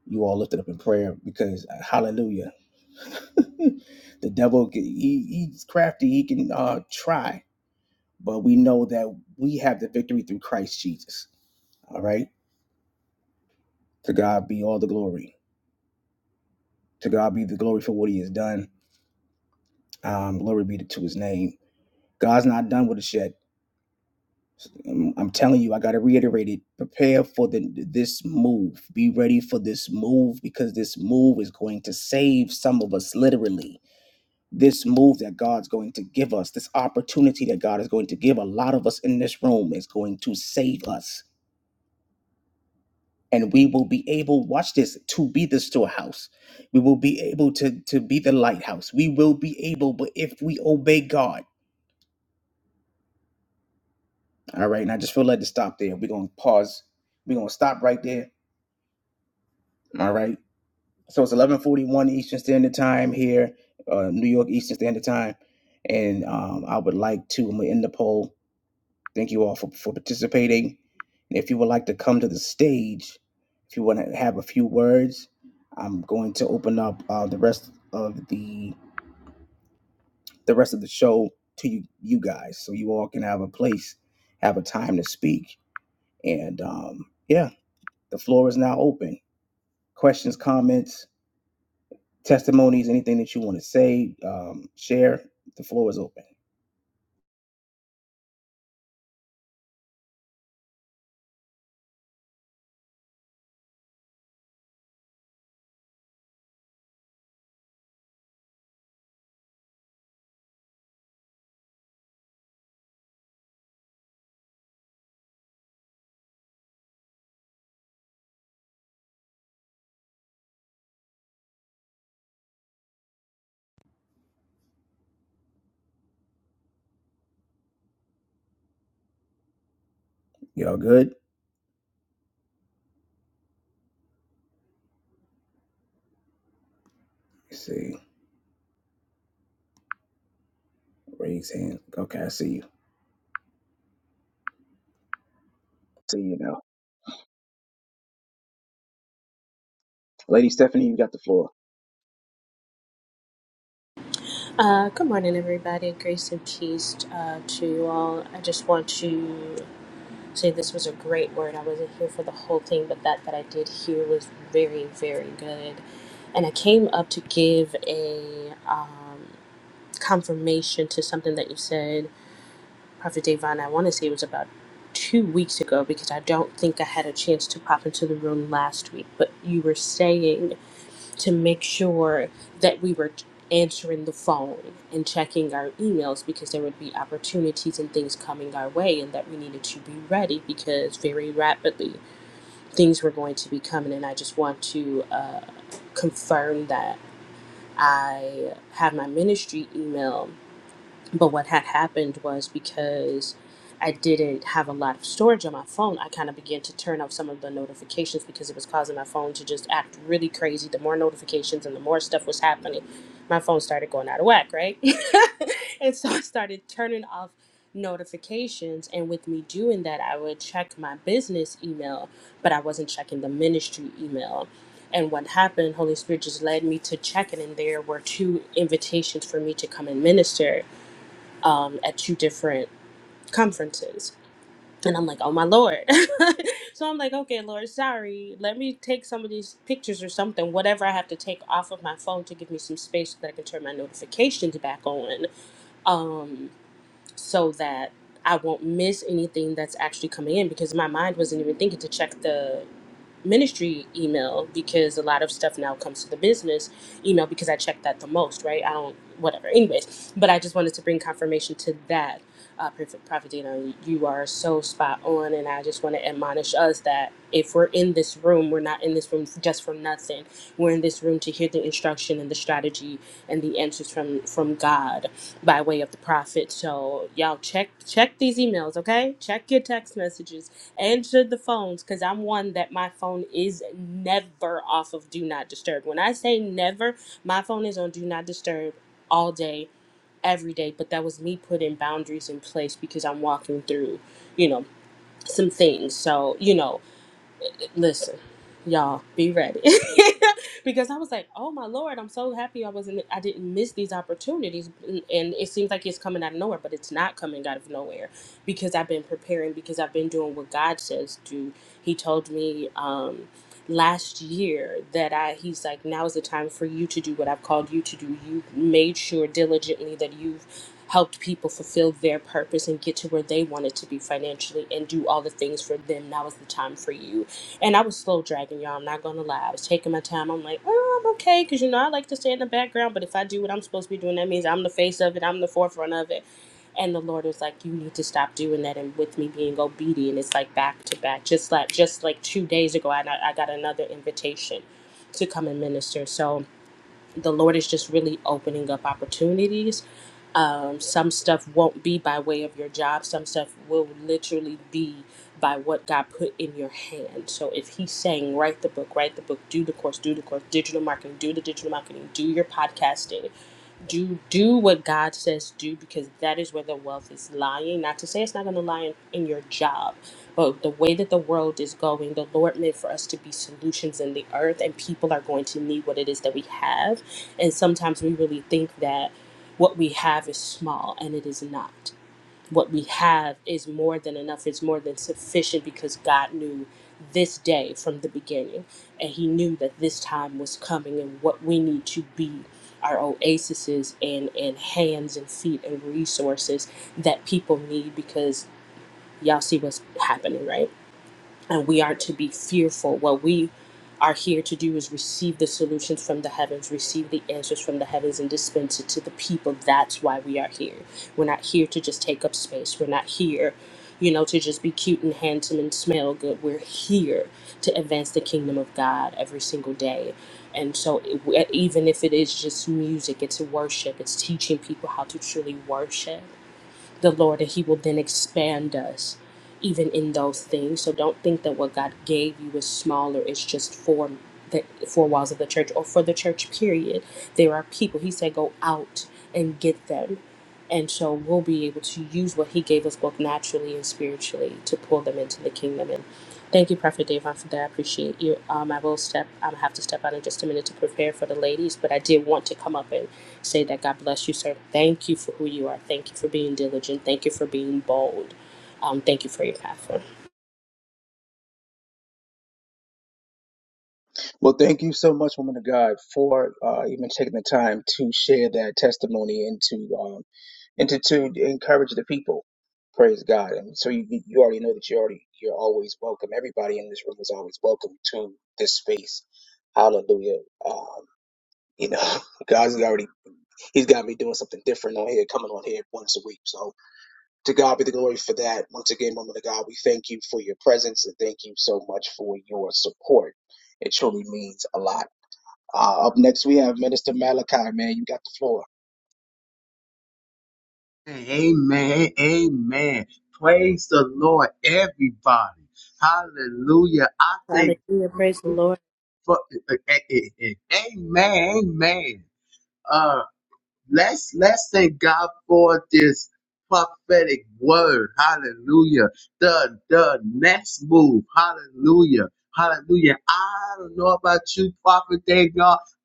A: you all lifted up in prayer because uh, hallelujah. the devil he, he's crafty, he can uh try, but we know that we have the victory through Christ Jesus. All right. To God be all the glory. To God be the glory for what He has done. Um, glory be to His name. God's not done with us yet. Um, I'm telling you, I got to reiterate it. Prepare for the this move. Be ready for this move because this move is going to save some of us literally. This move that God's going to give us, this opportunity that God is going to give a lot of us in this room is going to save us. and we will be able watch this to be the storehouse we will be able to to be the lighthouse we will be able but if we obey god all right and i just feel led to stop there we're gonna pause we're gonna stop right there all right so it's 1141 eastern standard time here uh new york eastern standard time and um i would like to i'm gonna end the poll Thank you all for, for participating. And if you would like to come to the stage, if you want to have a few words, I'm going to open up uh, the rest of the the rest of the show to you, you guys, so you all can have a place, have a time to speak. And um, yeah, the floor is now open. Questions, comments, testimonies, anything that you want to say, um, share. The floor is open. Y'all good? Let's see, raise hand. Okay, I see you. See you now, Lady Stephanie. You got the floor.
B: Uh, good morning, everybody. Grace and peace uh, to you all. I just want to say this was a great word. I wasn't here for the whole thing, but that that I did hear was very, very good. And I came up to give a um, confirmation to something that you said, Prophet Davon. I want to say it was about two weeks ago because I don't think I had a chance to pop into the room last week. But you were saying to make sure that we were answering the phone and checking our emails because there would be opportunities and things coming our way and that we needed to be ready because very rapidly things were going to be coming and i just want to uh, confirm that i have my ministry email but what had happened was because I didn't have a lot of storage on my phone, I kind of began to turn off some of the notifications because it was causing my phone to just act really crazy. The more notifications and the more stuff was happening, my phone started going out of whack, right? and so I started turning off notifications. And with me doing that, I would check my business email, but I wasn't checking the ministry email. And what happened, Holy Spirit just led me to check it, and there were two invitations for me to come and minister um, at two different conferences. And I'm like, oh my Lord. so I'm like, okay, Lord, sorry. Let me take some of these pictures or something, whatever I have to take off of my phone to give me some space so that I can turn my notifications back on um, so that I won't miss anything that's actually coming in because my mind wasn't even thinking to check the ministry email because a lot of stuff now comes to the business email because I check that the most, right? I don't, whatever. Anyways, but I just wanted to bring confirmation to that. Uh, Prophet, Prophet Dino, you are so spot on, and I just want to admonish us that if we're in this room, we're not in this room just for nothing. We're in this room to hear the instruction and the strategy and the answers from from God by way of the prophet. So y'all check check these emails, okay? Check your text messages answer the phones because I'm one that my phone is never off of do not disturb. When I say never, my phone is on do not disturb all day, every day. But that was me putting boundaries in place because I'm walking through, you know, some things. So, you know, listen, y'all be ready because I was like, oh my lord, I'm so happy I wasn't, I didn't miss these opportunities, and and it seems like it's coming out of nowhere, but it's not coming out of nowhere because I've been preparing, because I've been doing what God says do. He told me. um last year that i he's like now is the time for you to do what i've called you to do you made sure diligently that you've helped people fulfill their purpose and get to where they wanted to be financially and do all the things for them now is the time for you and I was slow dragging, y'all. I'm not gonna lie. I was taking my time. I'm like, oh, I'm okay, cause you know I like to stay in the background. But if I do what I'm supposed to be doing, that means I'm the face of it. I'm the forefront of it. And the Lord was like, you need to stop doing that. And with me being obedient, it's like back to back. Just like just like two days ago, I I got another invitation to come and minister. So the Lord is just really opening up opportunities um, some stuff won't be by way of your job. Some stuff will literally be by what God put in your hand. So if He's saying, write the book, write the book, do the course, do the course, digital marketing, do the digital marketing, do your podcasting, do do what God says do because that is where the wealth is lying. Not to say it's not going to lie in, in your job, but the way that the world is going, the Lord meant for us to be solutions in the earth, and people are going to need what it is that we have. And sometimes we really think that what we have is small, and it is not what we have is more than enough, it's more than sufficient because God knew this day from the beginning. And He knew that this time was coming and what we need to be our oases and, and hands and feet and resources that people need because y'all see what's happening, right? and we are to be fearful. What we are here to do is receive the solutions from the heavens, receive the answers from the heavens, and dispense it to the people. That's why we are here. We're not here to just take up space. We're not here, you know, to just be cute and handsome and smell good. We're here to advance the kingdom of God every single day. And so, it- even if it is just music, it's worship, it's teaching people how to truly worship the Lord and He will then expand us even in those things. So don't think that what God gave you is smaller, it's just for the four walls of the church or for the church period. There are people, He said, go out and get them. And so we'll be able to use what he gave us both naturally and spiritually to pull them into the kingdom. And thank you, Prophet Davon, for that. I appreciate you. Um, I will step, I have to step out in just a minute to prepare for the ladies, but I did want to come up and say that God bless you, sir. Thank you for who you are. Thank you for being diligent. Thank you for being bold. Um, thank you for your platform.
A: Well, thank you so much, woman of God, for uh, even taking the time to share that testimony and to um, and to, to encourage the people. Praise God! And so you you already know that you already you're always welcome. Everybody in this room is always welcome to this space. Hallelujah! Um, you know, God's already He's got me doing something different on here, coming on here once a week. So to God be the glory for that. Once again, woman of God, we thank you for your presence and thank you so much for your support. It truly means a lot. Uh, up next, we have Minister Malachi, man. You got the floor.
C: Amen. Amen. Praise the Lord, everybody. Hallelujah. I thank
B: Hallelujah. Praise the
C: you
B: Lord.
C: for, eh, eh, eh, eh. amen. Amen. Uh, let's let's thank God for this prophetic word. Hallelujah. The the next move. Hallelujah. Hallelujah. I don't know about you, Prophet Dave,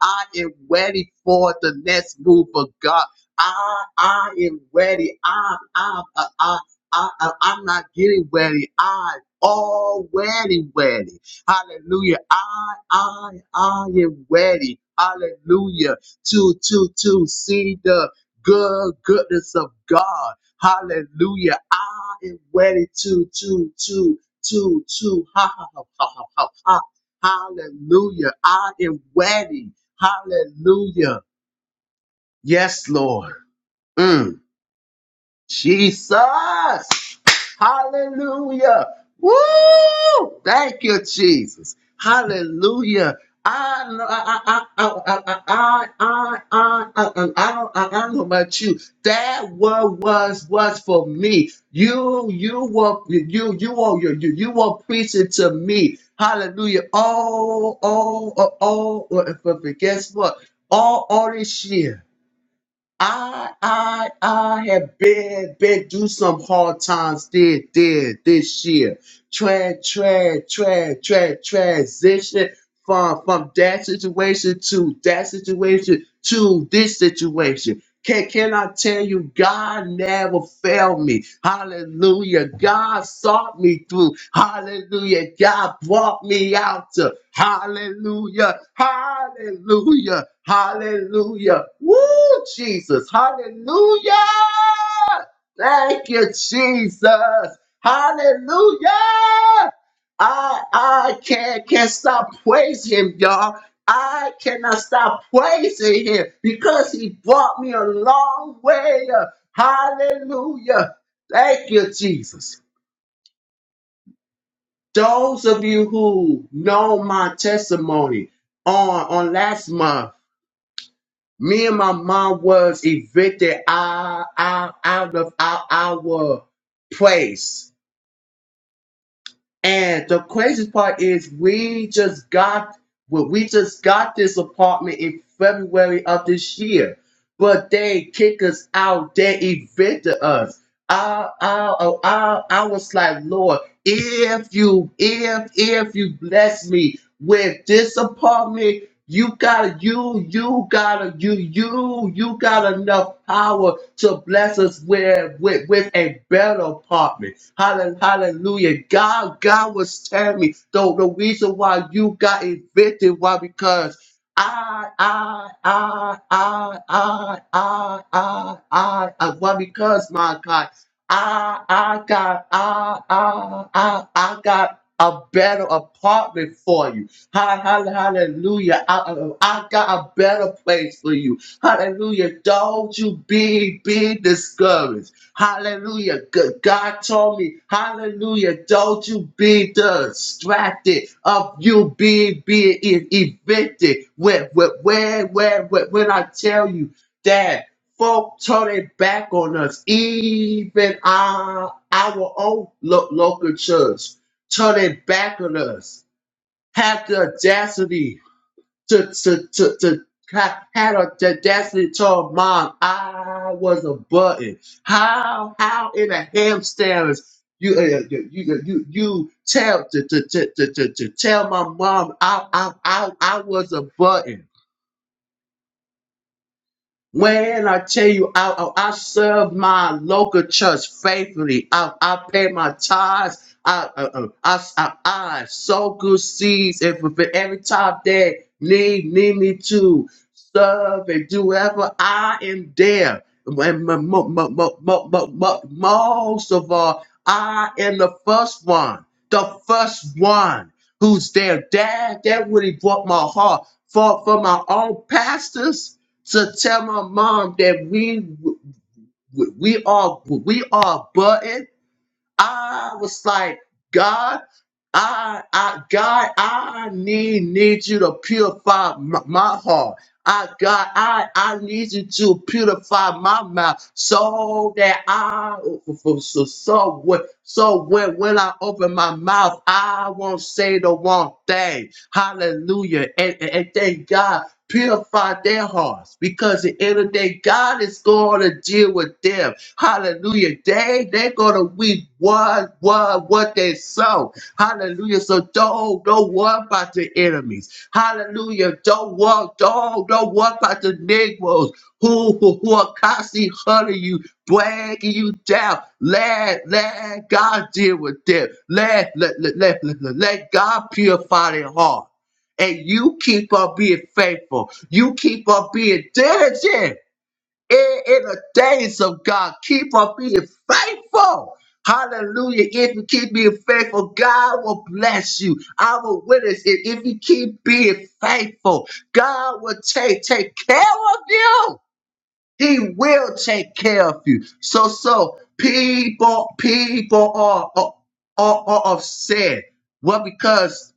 C: I am ready for the next move of God. I I am ready. I I I I, I, I I'm not getting ready. I already ready. Hallelujah. I I I am ready. Hallelujah to to to see the good goodness of God. Hallelujah. I am ready to to to to to ha ha ha ha ha. ha. Hallelujah. I am ready. Hallelujah. Yes, Lord. Mm. Jesus. Hallelujah. Woo! Thank you, Jesus. Hallelujah. I, I, I, I, I, I, I, I, I, I don't, I don't know about you. That what was was for me. You, you were, you, you were, you, you, you were preaching to me. Hallelujah. All, all, all, all. But guess what? All, all this year. I I I have been been through some hard times did did this year. Tra tra tra tra transition from from that situation to that situation to this situation. Can, can I tell you, God never failed me. Hallelujah. God sought me through. Hallelujah. God brought me out to. Hallelujah. Hallelujah. Hallelujah. Woo, Jesus. Hallelujah. Thank you, Jesus. Hallelujah. I I can't can stop praising him, y'all. I cannot stop praising him because he brought me a long way. Hallelujah. Thank you, Jesus. Those of you who know my testimony on, on last month, me and my mom was evicted out, out, out of our, our place And the craziest part is we just got well, we just got this apartment in February of this year but they kick us out. They evicted us. I, I, oh, I, I was like, Lord, if you, if, if you bless me with this apartment, you gotta, you, you gotta, you, you, you got enough power to bless us with, with, with a better apartment. Hallel- Hallelujah. God, God was telling me, though, the reason why you got evicted, why? Because I, I, I, I, I, I, I, I, I, why because my God, I, I got, I, I, I, I got a better apartment for you. Ha- ha- Hallelujah. I, I I got a better place for you. Hallelujah. Don't you be be discouraged. Hallelujah. G- God told me, hallelujah, don't you be distracted of you being being e- evicted. Where where where where where- when I tell you that folk turn their back on us, even our our own lo- local church turn their back on us. Have the audacity to to to to ha- had a audacity to tell mom I was a button. How how in a hamsters you uh, uh, you you you you tell to to to to to to tell my mom I I I I was a button. When I tell you I, I I serve my local church faithfully, I, I pay my tithes, I, uh, uh, I, I, I sow good seeds, and for for every time they need, need me to serve and do whatever, I am there. And mo- mo- mo- mo- mo- mo- mo- most of all, I am the first one, the first one who's there. Dad, that really broke my heart. For, for my own pastors, to tell my mom that we we are we are button. I was like, God, I I God, I need need you to purify my, my heart. I God, I, I need you to purify my mouth so that I so so when, so when, when I open my mouth, I won't say the wrong thing. Hallelujah. And, and, and thank God. Purify their hearts because at the end of the day, God is going to deal with them. Hallelujah. They they're gonna weep what what what they sow. Hallelujah. So don't don't worry about the enemies. Hallelujah. Don't walk, don't, don't walk by the Negroes who, who, who are constantly hurting you, dragging you down. Let, let God deal with them. Let, let, let, let, let, let let God purify their heart. And you keep on being faithful. You keep on being diligent in, in the days of God. Keep on being faithful. Hallelujah. If you keep being faithful, God will bless you. I will witness it. If you keep being faithful, God will take, take care of you. He will take care of you. So, so people, people are, are, are, are upset. Well, because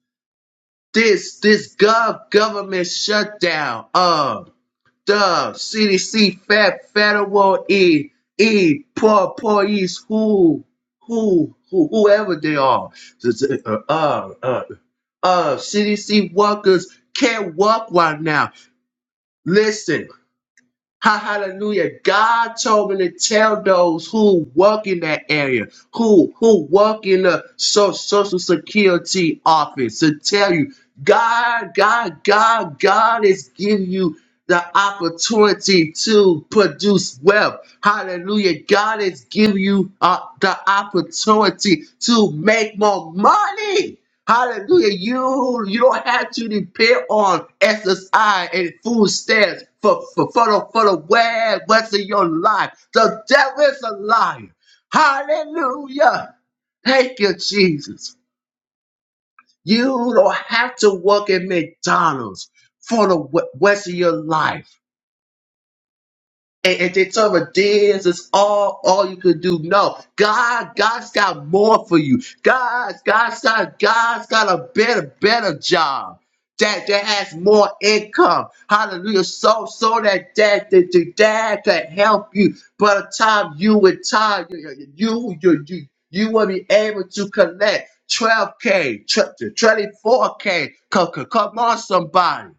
C: this, this gov- government shutdown. uh, Dub, CDC, Fat, Federal, E, E, Poor, Poor East, who, who, who, whoever they are. Uh, uh, uh, uh, CDC workers can't walk right now. Listen, Ha- Hallelujah. God told me to tell those who work in that area, who who work in the so, social security office to tell you, God, God, God, God is giving you the opportunity to produce wealth. Hallelujah. God is giving you uh, the opportunity to make more money. Hallelujah. You you don't have to depend on exercise and food stamps for, for, for the for the way what's in your life. The devil is a liar. Hallelujah. Thank you, Jesus. You don't have to work at McDonald's for the wh- rest of your life. and, and they talk about this is all all you could do. No, God, God's got more for you. God, God's got God's got a better, better job. That, that has more income. Hallelujah. So so that that that, that, that can help you. By the time you retire, you you you you, you will be able to collect 12K, 24K. Come, come come on, somebody.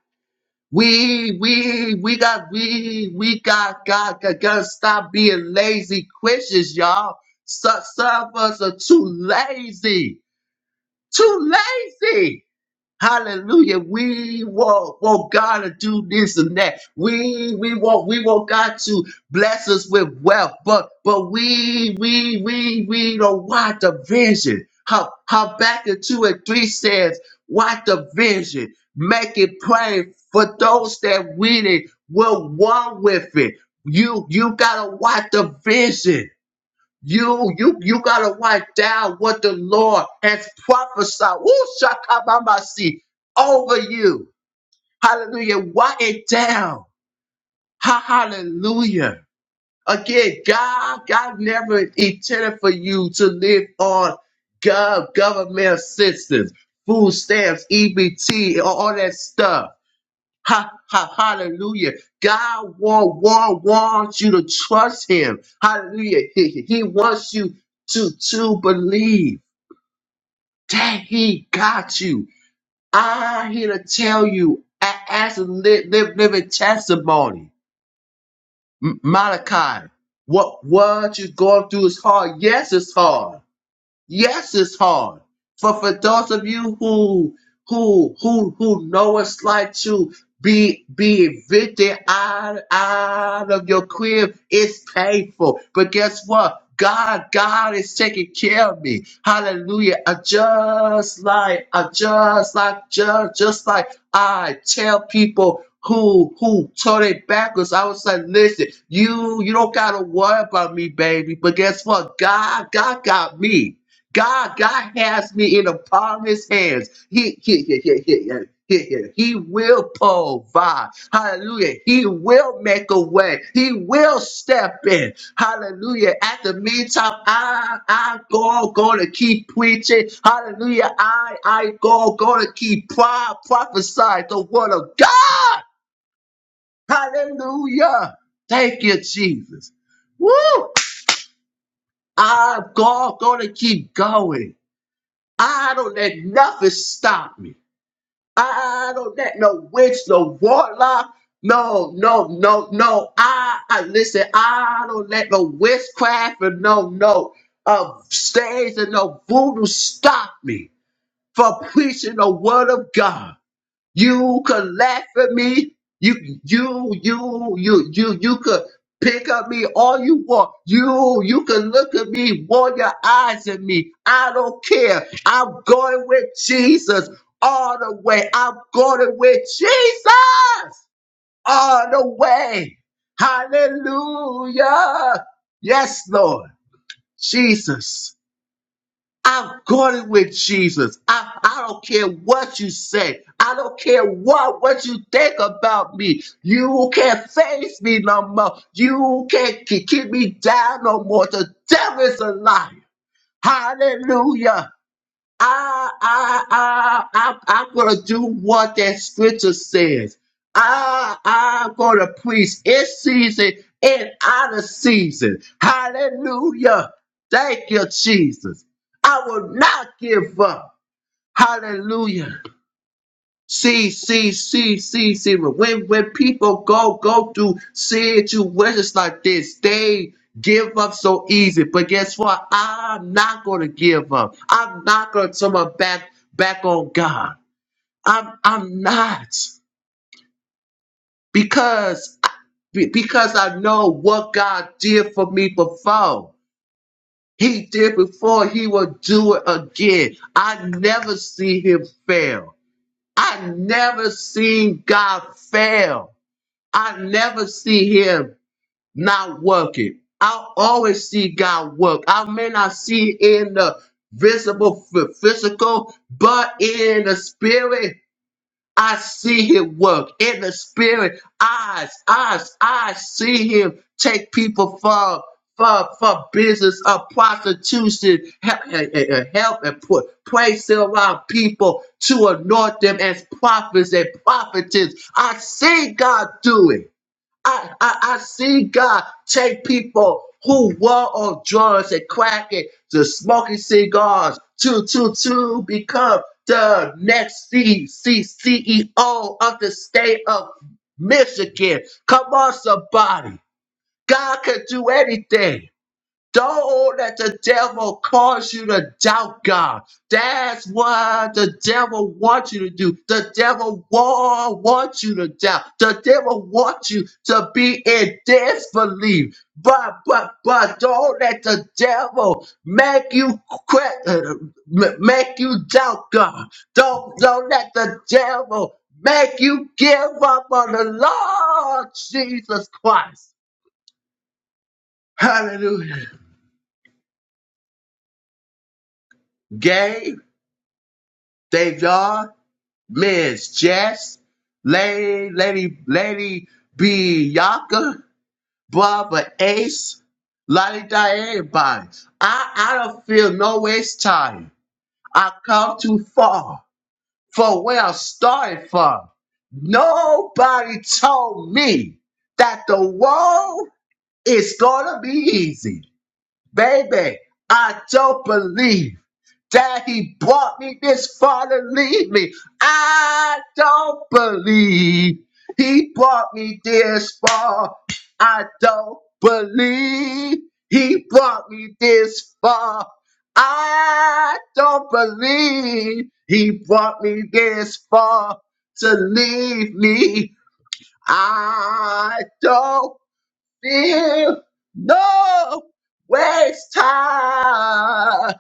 C: We, we, we got, we, we got, got, got, gotta stop being lazy Christians, y'all. Some, some of us are too lazy, too lazy. Hallelujah. We want, want God to do this and that. We we want we want God to bless us with wealth, but but we we we we don't want the vision. How how back in two and three says, what the vision, make it plain for those that read it will one with it. You you gotta watch the vision. You, you, you gotta write down what the Lord has prophesied. Woo, shakabamasi, over you. Hallelujah. Write it down. Ha- hallelujah. Again, God, God never intended for you to live on gov- government assistance, food stamps, EBT, all all that stuff. Ha, ha, hallelujah. God want, want, wants you to trust him. Hallelujah. He, he wants you to, to believe that he got you. I'm here to tell you, a- as a li- live, living testimony, M- Malachi, what, what you're going through is hard. Yes, it's hard. Yes, it's hard. For for those of you who who who who know it's like to be be evicted out, out of your crib, it's painful. But guess what? God, God is taking care of me. Hallelujah. I just like, I just like, just, just like I tell people who who told it backwards. I was like, listen, you you don't gotta worry about me, baby. But guess what? God, God got me. God, God has me in the palm of his hands. He, he, he, he, he, he, he, he will provide. Hallelujah. He will make a way. He will step in. Hallelujah. At the meantime, I, I go, going to keep preaching. Hallelujah. I, I go, going to keep pro- prophesying the word of God. Hallelujah. Thank you, Jesus. Woo. I'm going to keep going. I don't let nothing stop me. I don't let no witch, no warlock, no, no, no, no. I, I listen. I don't let no witchcraft and no, no, uh, stage and no voodoo stop me from preaching the word of God. You could laugh at me. You, you, you, you, you, you could pick up me all you want. You, you can look at me, roll your eyes at me. I don't care. I'm going with Jesus all the way. I'm going with Jesus all the way. Hallelujah. Yes, Lord. Jesus. I've got it with Jesus. I, I don't care what you say. I don't care what, what you think about me. You can't face me no more. You can't k- keep me down no more. The devil's a liar. Hallelujah. I, I, I, I, I'm gonna do what that scripture says. I, I'm gonna preach in season and out of season. Hallelujah. Thank you, Jesus. I will not give up. Hallelujah. See, see, see, see, see. When when people go go through situations like this, they give up so easy. But guess what? I'm not gonna give up. I'm not gonna turn my back back on God. I'm I'm not because I- be- because I know what God did for me before. He did before. He will do it again. I never see Him fail. I never seen God fail. I never see him not working. I always see God work. I may not see it in the visible phy- physical, but in the spirit, I see him work. In the spirit, eyes, eyes, I see him take people from for, for business of prostitution, help, eh, eh, eh, help and put place around people to anoint them as prophets and prophetess. I see God do it. I, I, I see God take people who were on drugs and cracking to smoking cigars to to to become the next C, C, CEO of the state of Michigan. Come on, somebody. God can do anything. Don't let the devil cause you to doubt God. That's what the devil wants you to do. The devil wa- wants you to doubt. The devil wants you to be in disbelief. But, but, but don't let the devil make you quit, uh, m- make you doubt God. Don't, don't let the devil make you give up on the Lord Jesus Christ. Hallelujah. Gabe. Dave Yard, Miss Jess, Lady Lady Lady Bianca, Barbara Ace, Lottie Diane, everybody. I I don't feel no waste time. I come too far for where I started from. Nobody told me that the world is gonna be easy. Baby, I don't believe that he brought me this far to leave me. I don't believe he brought me this far. I don't believe he brought me this far. I don't believe he brought me this far to leave me. I don't feel no waste time.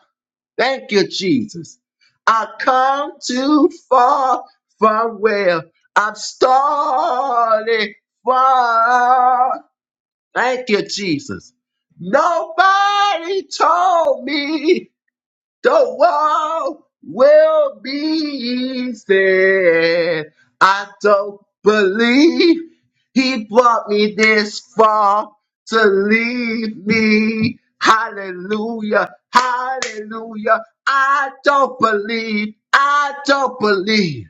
C: Thank you, Jesus. I come too far from where I'm starting from. Thank you, Jesus. Nobody told me the world will be saved. I don't believe he brought me this far to leave me. Hallelujah. Hallelujah. I don't believe. I don't believe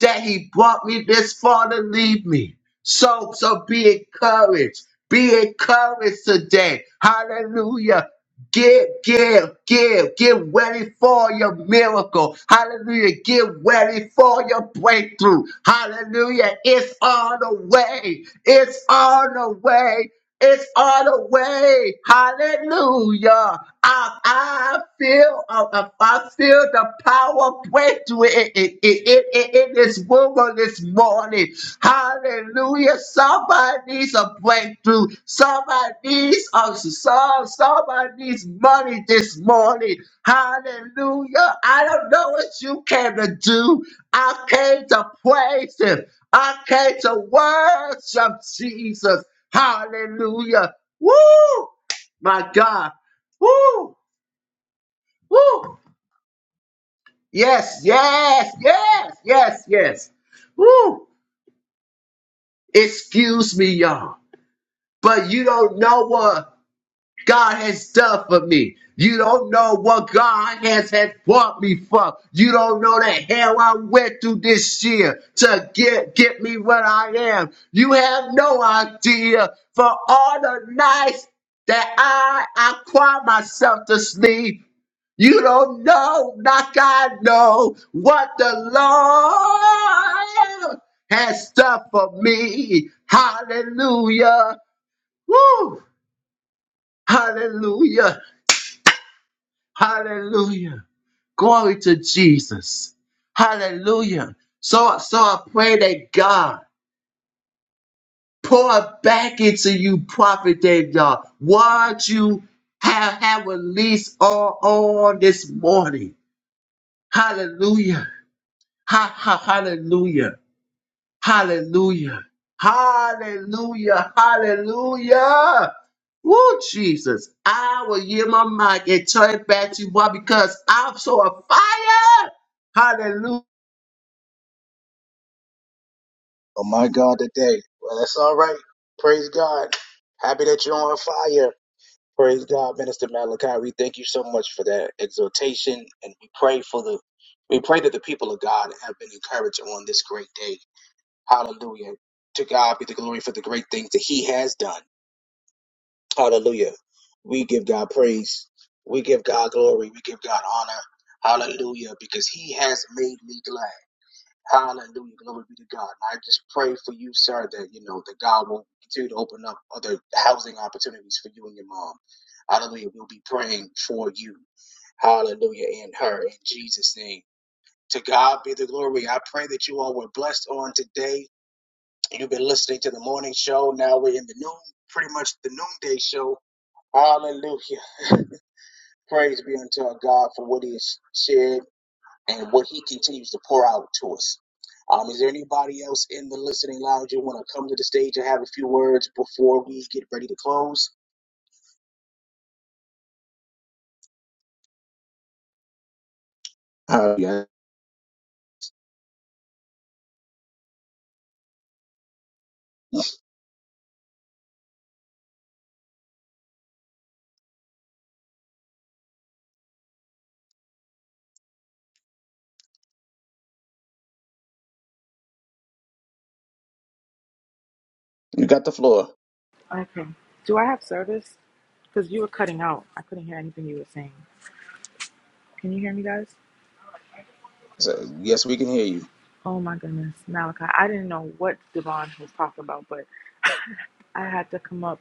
C: that he brought me this far to leave me. So, so be encouraged. Be encouraged today. Hallelujah. Give, give, give, get ready for your miracle. Hallelujah. Get ready for your breakthrough. Hallelujah. It's on the way. It's on the way. It's all the way. Hallelujah. I, I feel I, I I feel the power breakthrough in, in, in, in, in this woman this morning. Hallelujah. Somebody needs a breakthrough. Somebody needs a some, somebody needs money this morning. Hallelujah. I don't know what you came to do. I came to praise him. I came to worship Jesus. Hallelujah. Woo! My God. Woo! Woo! Yes, yes, yes, yes, yes. Woo! Excuse me, y'all. But you don't know what. God has done for me. You don't know what God has has brought me from. You don't know the hell I went through this year to get get me what I am. You have no idea for all the nights that I I cry myself to sleep. You don't know, like I know, what the Lord has done for me. Hallelujah. Woo! Hallelujah. Hallelujah. Glory to Jesus. Hallelujah. So, so I pray that God pour back into you, prophet David, God, what you have, have released all on this morning. Hallelujah. Ha, ha, hallelujah. Hallelujah. Hallelujah. Hallelujah. Woo, Jesus. I will yield my mic and turn it back to you, why? Because I'm so on fire.
A: Oh, my God, today. Well, that's all right. Praise God. Happy that you're on fire. Praise God, Minister Malachi. We thank you so much for that exhortation, and we pray for the, we pray that the people of God have been encouraged on this great day. Hallelujah. To God be the glory for the great things that He has done. Hallelujah. We give God praise. We give God glory. We give God honor. Hallelujah. Because He has made me glad. Hallelujah. Glory be to God. And I just pray for you, sir, that, you know, that God will continue to open up other housing opportunities for you and your mom. Hallelujah. We'll be praying for you. Hallelujah. And her in Jesus' name. To God be the glory. I pray that you all were blessed on today. You've been listening to the morning show. Now we're in the noon, pretty much the noonday show. Hallelujah. Praise be unto our God for what he has shared and what he continues to pour out to us. Um, is there anybody else in the listening lounge you want to come to the stage and have a few words before we get ready to close? Uh, yeah, you got the floor.
D: Okay. Do I have service? Because you were cutting out. I couldn't hear anything you were saying. Can you hear me, guys?
A: So, yes, we can hear you.
D: Oh my goodness, Malachi. I didn't know what Devon was talking about, but I had to come up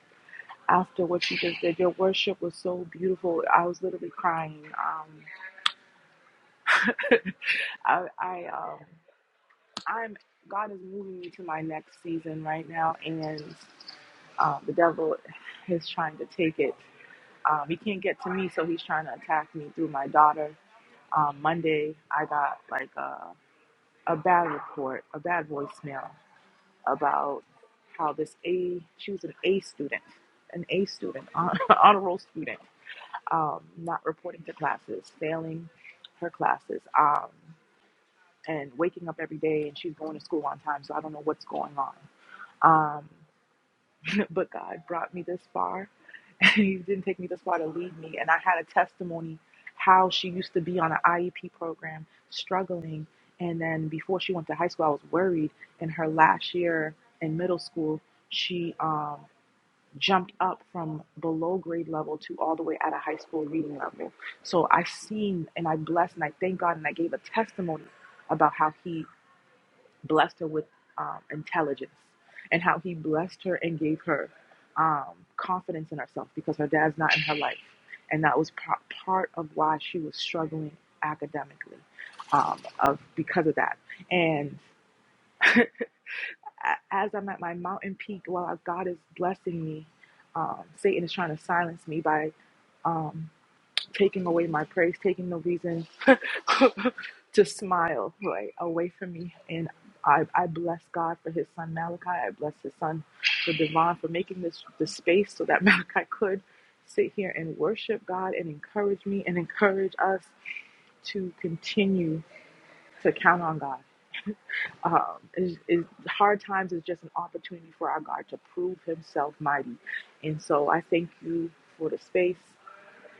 D: after what you just did. Your worship was so beautiful. I was literally crying. Um, I, I, um, I'm. God is moving me to my next season right now, and uh, the devil is trying to take it. Um, he can't get to me, so he's trying to attack me through my daughter. Um, Monday, I got like a a bad report, a bad voicemail about how this A, she was an A student, an A student, hon- honor roll student, um, not reporting to classes, failing her classes, um, and waking up every day, and she's going to school on time, so I don't know what's going on. Um, but God brought me this far, it didn't take me this far to leave me. And I had a testimony how she used to be on an IEP program, struggling. And then before she went to high school, I was worried. In her last year in middle school, she um, jumped up from below grade level to all the way at a high school reading level. So I seen and I blessed and I thank God and I gave a testimony about how He blessed her with um, intelligence and how he blessed her and gave her um, confidence in herself because her dad's not in her life. And that was par- part of why she was struggling academically um, of because of that. And a- as I'm at my mountain peak, while God is blessing me, um, Satan is trying to silence me by um, taking away my praise, taking the reason to smile right away from me. And I, I bless God for his son Malachi. I bless his son for Devon for making this the space so that Malachi could sit here and worship God and encourage me and encourage us to continue to count on God. Um, is, is hard times is just an opportunity for our God to prove Himself mighty, and so I thank you for the space.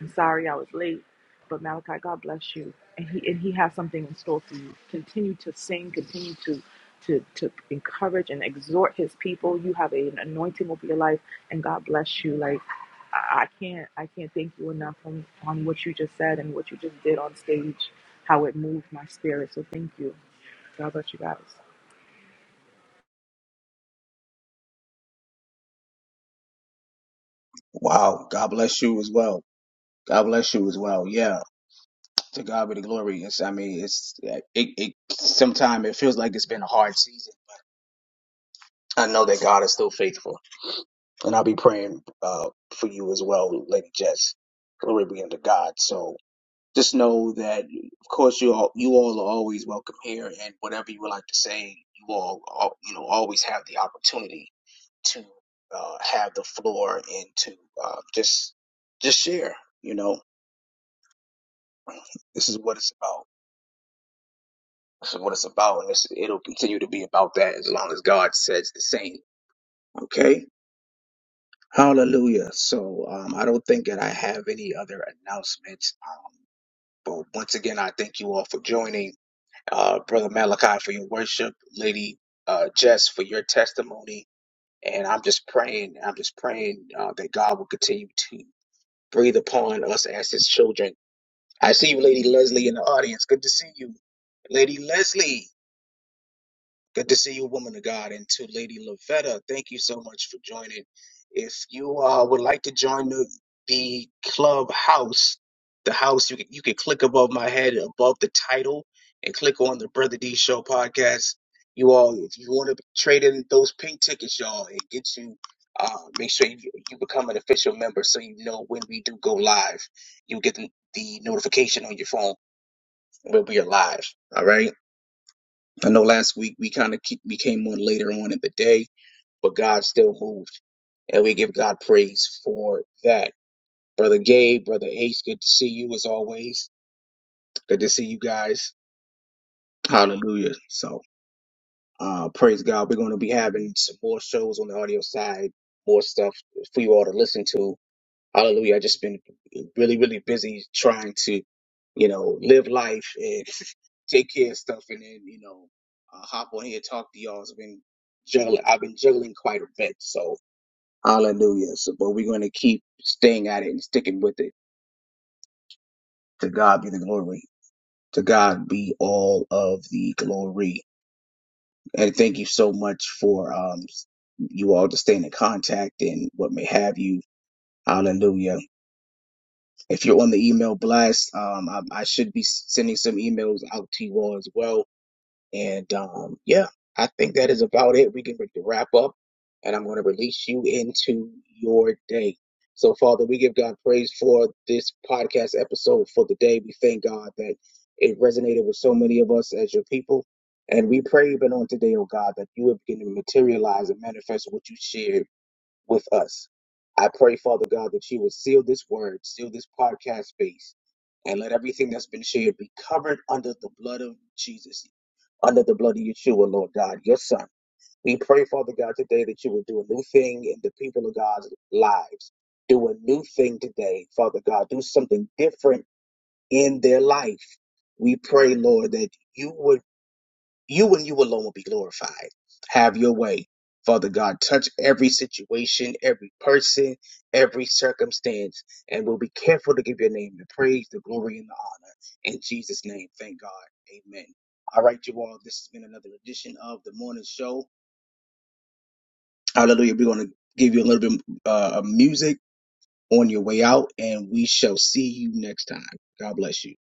D: I'm sorry I was late, but Malachi, God bless you, and he and he has something in store for you. Continue to sing, continue to to to encourage and exhort his people. You have an anointing over your life, and God bless you. Like I I can't I can't thank you enough on on what you just said and what you just did on stage, how it moved my spirit. So thank you. God bless you guys.
A: Wow. God bless you as well. God bless you as well. Yeah. To God be the glory. It's, I mean, it's yeah, it. it Sometimes it feels like it's been a hard season. I know that God is still faithful, and I'll be praying uh, for you as well, Lady Jess. Glory be unto God. So. Just know that, of course, you all you all are always welcome here, and whatever you would like to say, you all, all you know always have the opportunity to uh, have the floor and to uh, just just share. You know, this is what it's about. This is what it's about, and this, it'll continue to be about that as long as God says the same. Okay. Hallelujah. So um, I don't think that I have any other announcements. Um, but once again, I thank you all for joining. uh, Brother Malachi, for your worship, Lady uh, Jess, for your testimony. And I'm just praying, I'm just praying uh, that God will continue to breathe upon us as His children. I see you, Lady Leslie, in the audience. Good to see you. Lady Leslie, Good to see you, woman of God, and to Lady Lavetta. Thank you so much for joining. If you uh, would like to join the, the club house, the house you can, you can click above my head, above the title, and click on the Brother D Show podcast. You all, if you want to trade in those pink tickets, y'all, and get you, uh, make sure you, you become an official member so you know when we do go live. You'll get the, the notification on your phone when we are live. All right. I know last week we kind of ke- became one later on in the day, but God still moved. And we give God praise for that. Brother Gabe, Brother Ace, good to see you as always. Good to see you guys. Hallelujah. So, uh, praise God. We're going to be having some more shows on the audio side, more stuff for you all to listen to. Hallelujah. I just been really, really busy trying to, you know, live life and take care of stuff and then, you know, uh, hop on here and talk to y'all. I've been juggling, I've been juggling quite a bit. So hallelujah. So, but we're going to keep staying at it and sticking with it. To God be the glory. To God be all of the glory. And thank you so much for, um, you all to stay in contact and what may have you. Hallelujah. If you're on the email blast, um, I, I should be s- sending some emails out to you all as well. And um, yeah, I think that is about it. We can re- wrap up, and I'm going to release you into your day. So, Father, we give God praise for this podcast episode for the day. We thank God that it resonated with so many of us as your people. And we pray even on today, oh God, that you would begin to materialize and manifest what you shared with us. I pray, Father God, that you would seal this word, seal this podcast space, and let everything that's been shared be covered under the blood of Jesus, under the blood of Yeshua, Lord God, your Son. We pray, Father God, today that you would do a new thing in the people of God's lives. Do a new thing today, Father God. Do something different in their life. We pray, Lord, that you would you and you alone will be glorified. Have your way. Father God, touch every situation, every person, every circumstance, and we'll be careful to give your name the praise, the glory, and the honor. In Jesus' name, thank God. Amen. All right, you all, this has been another edition of the morning show. Hallelujah. We're going to give you a little bit uh, of music on your way out, and we shall see you next time. God bless you.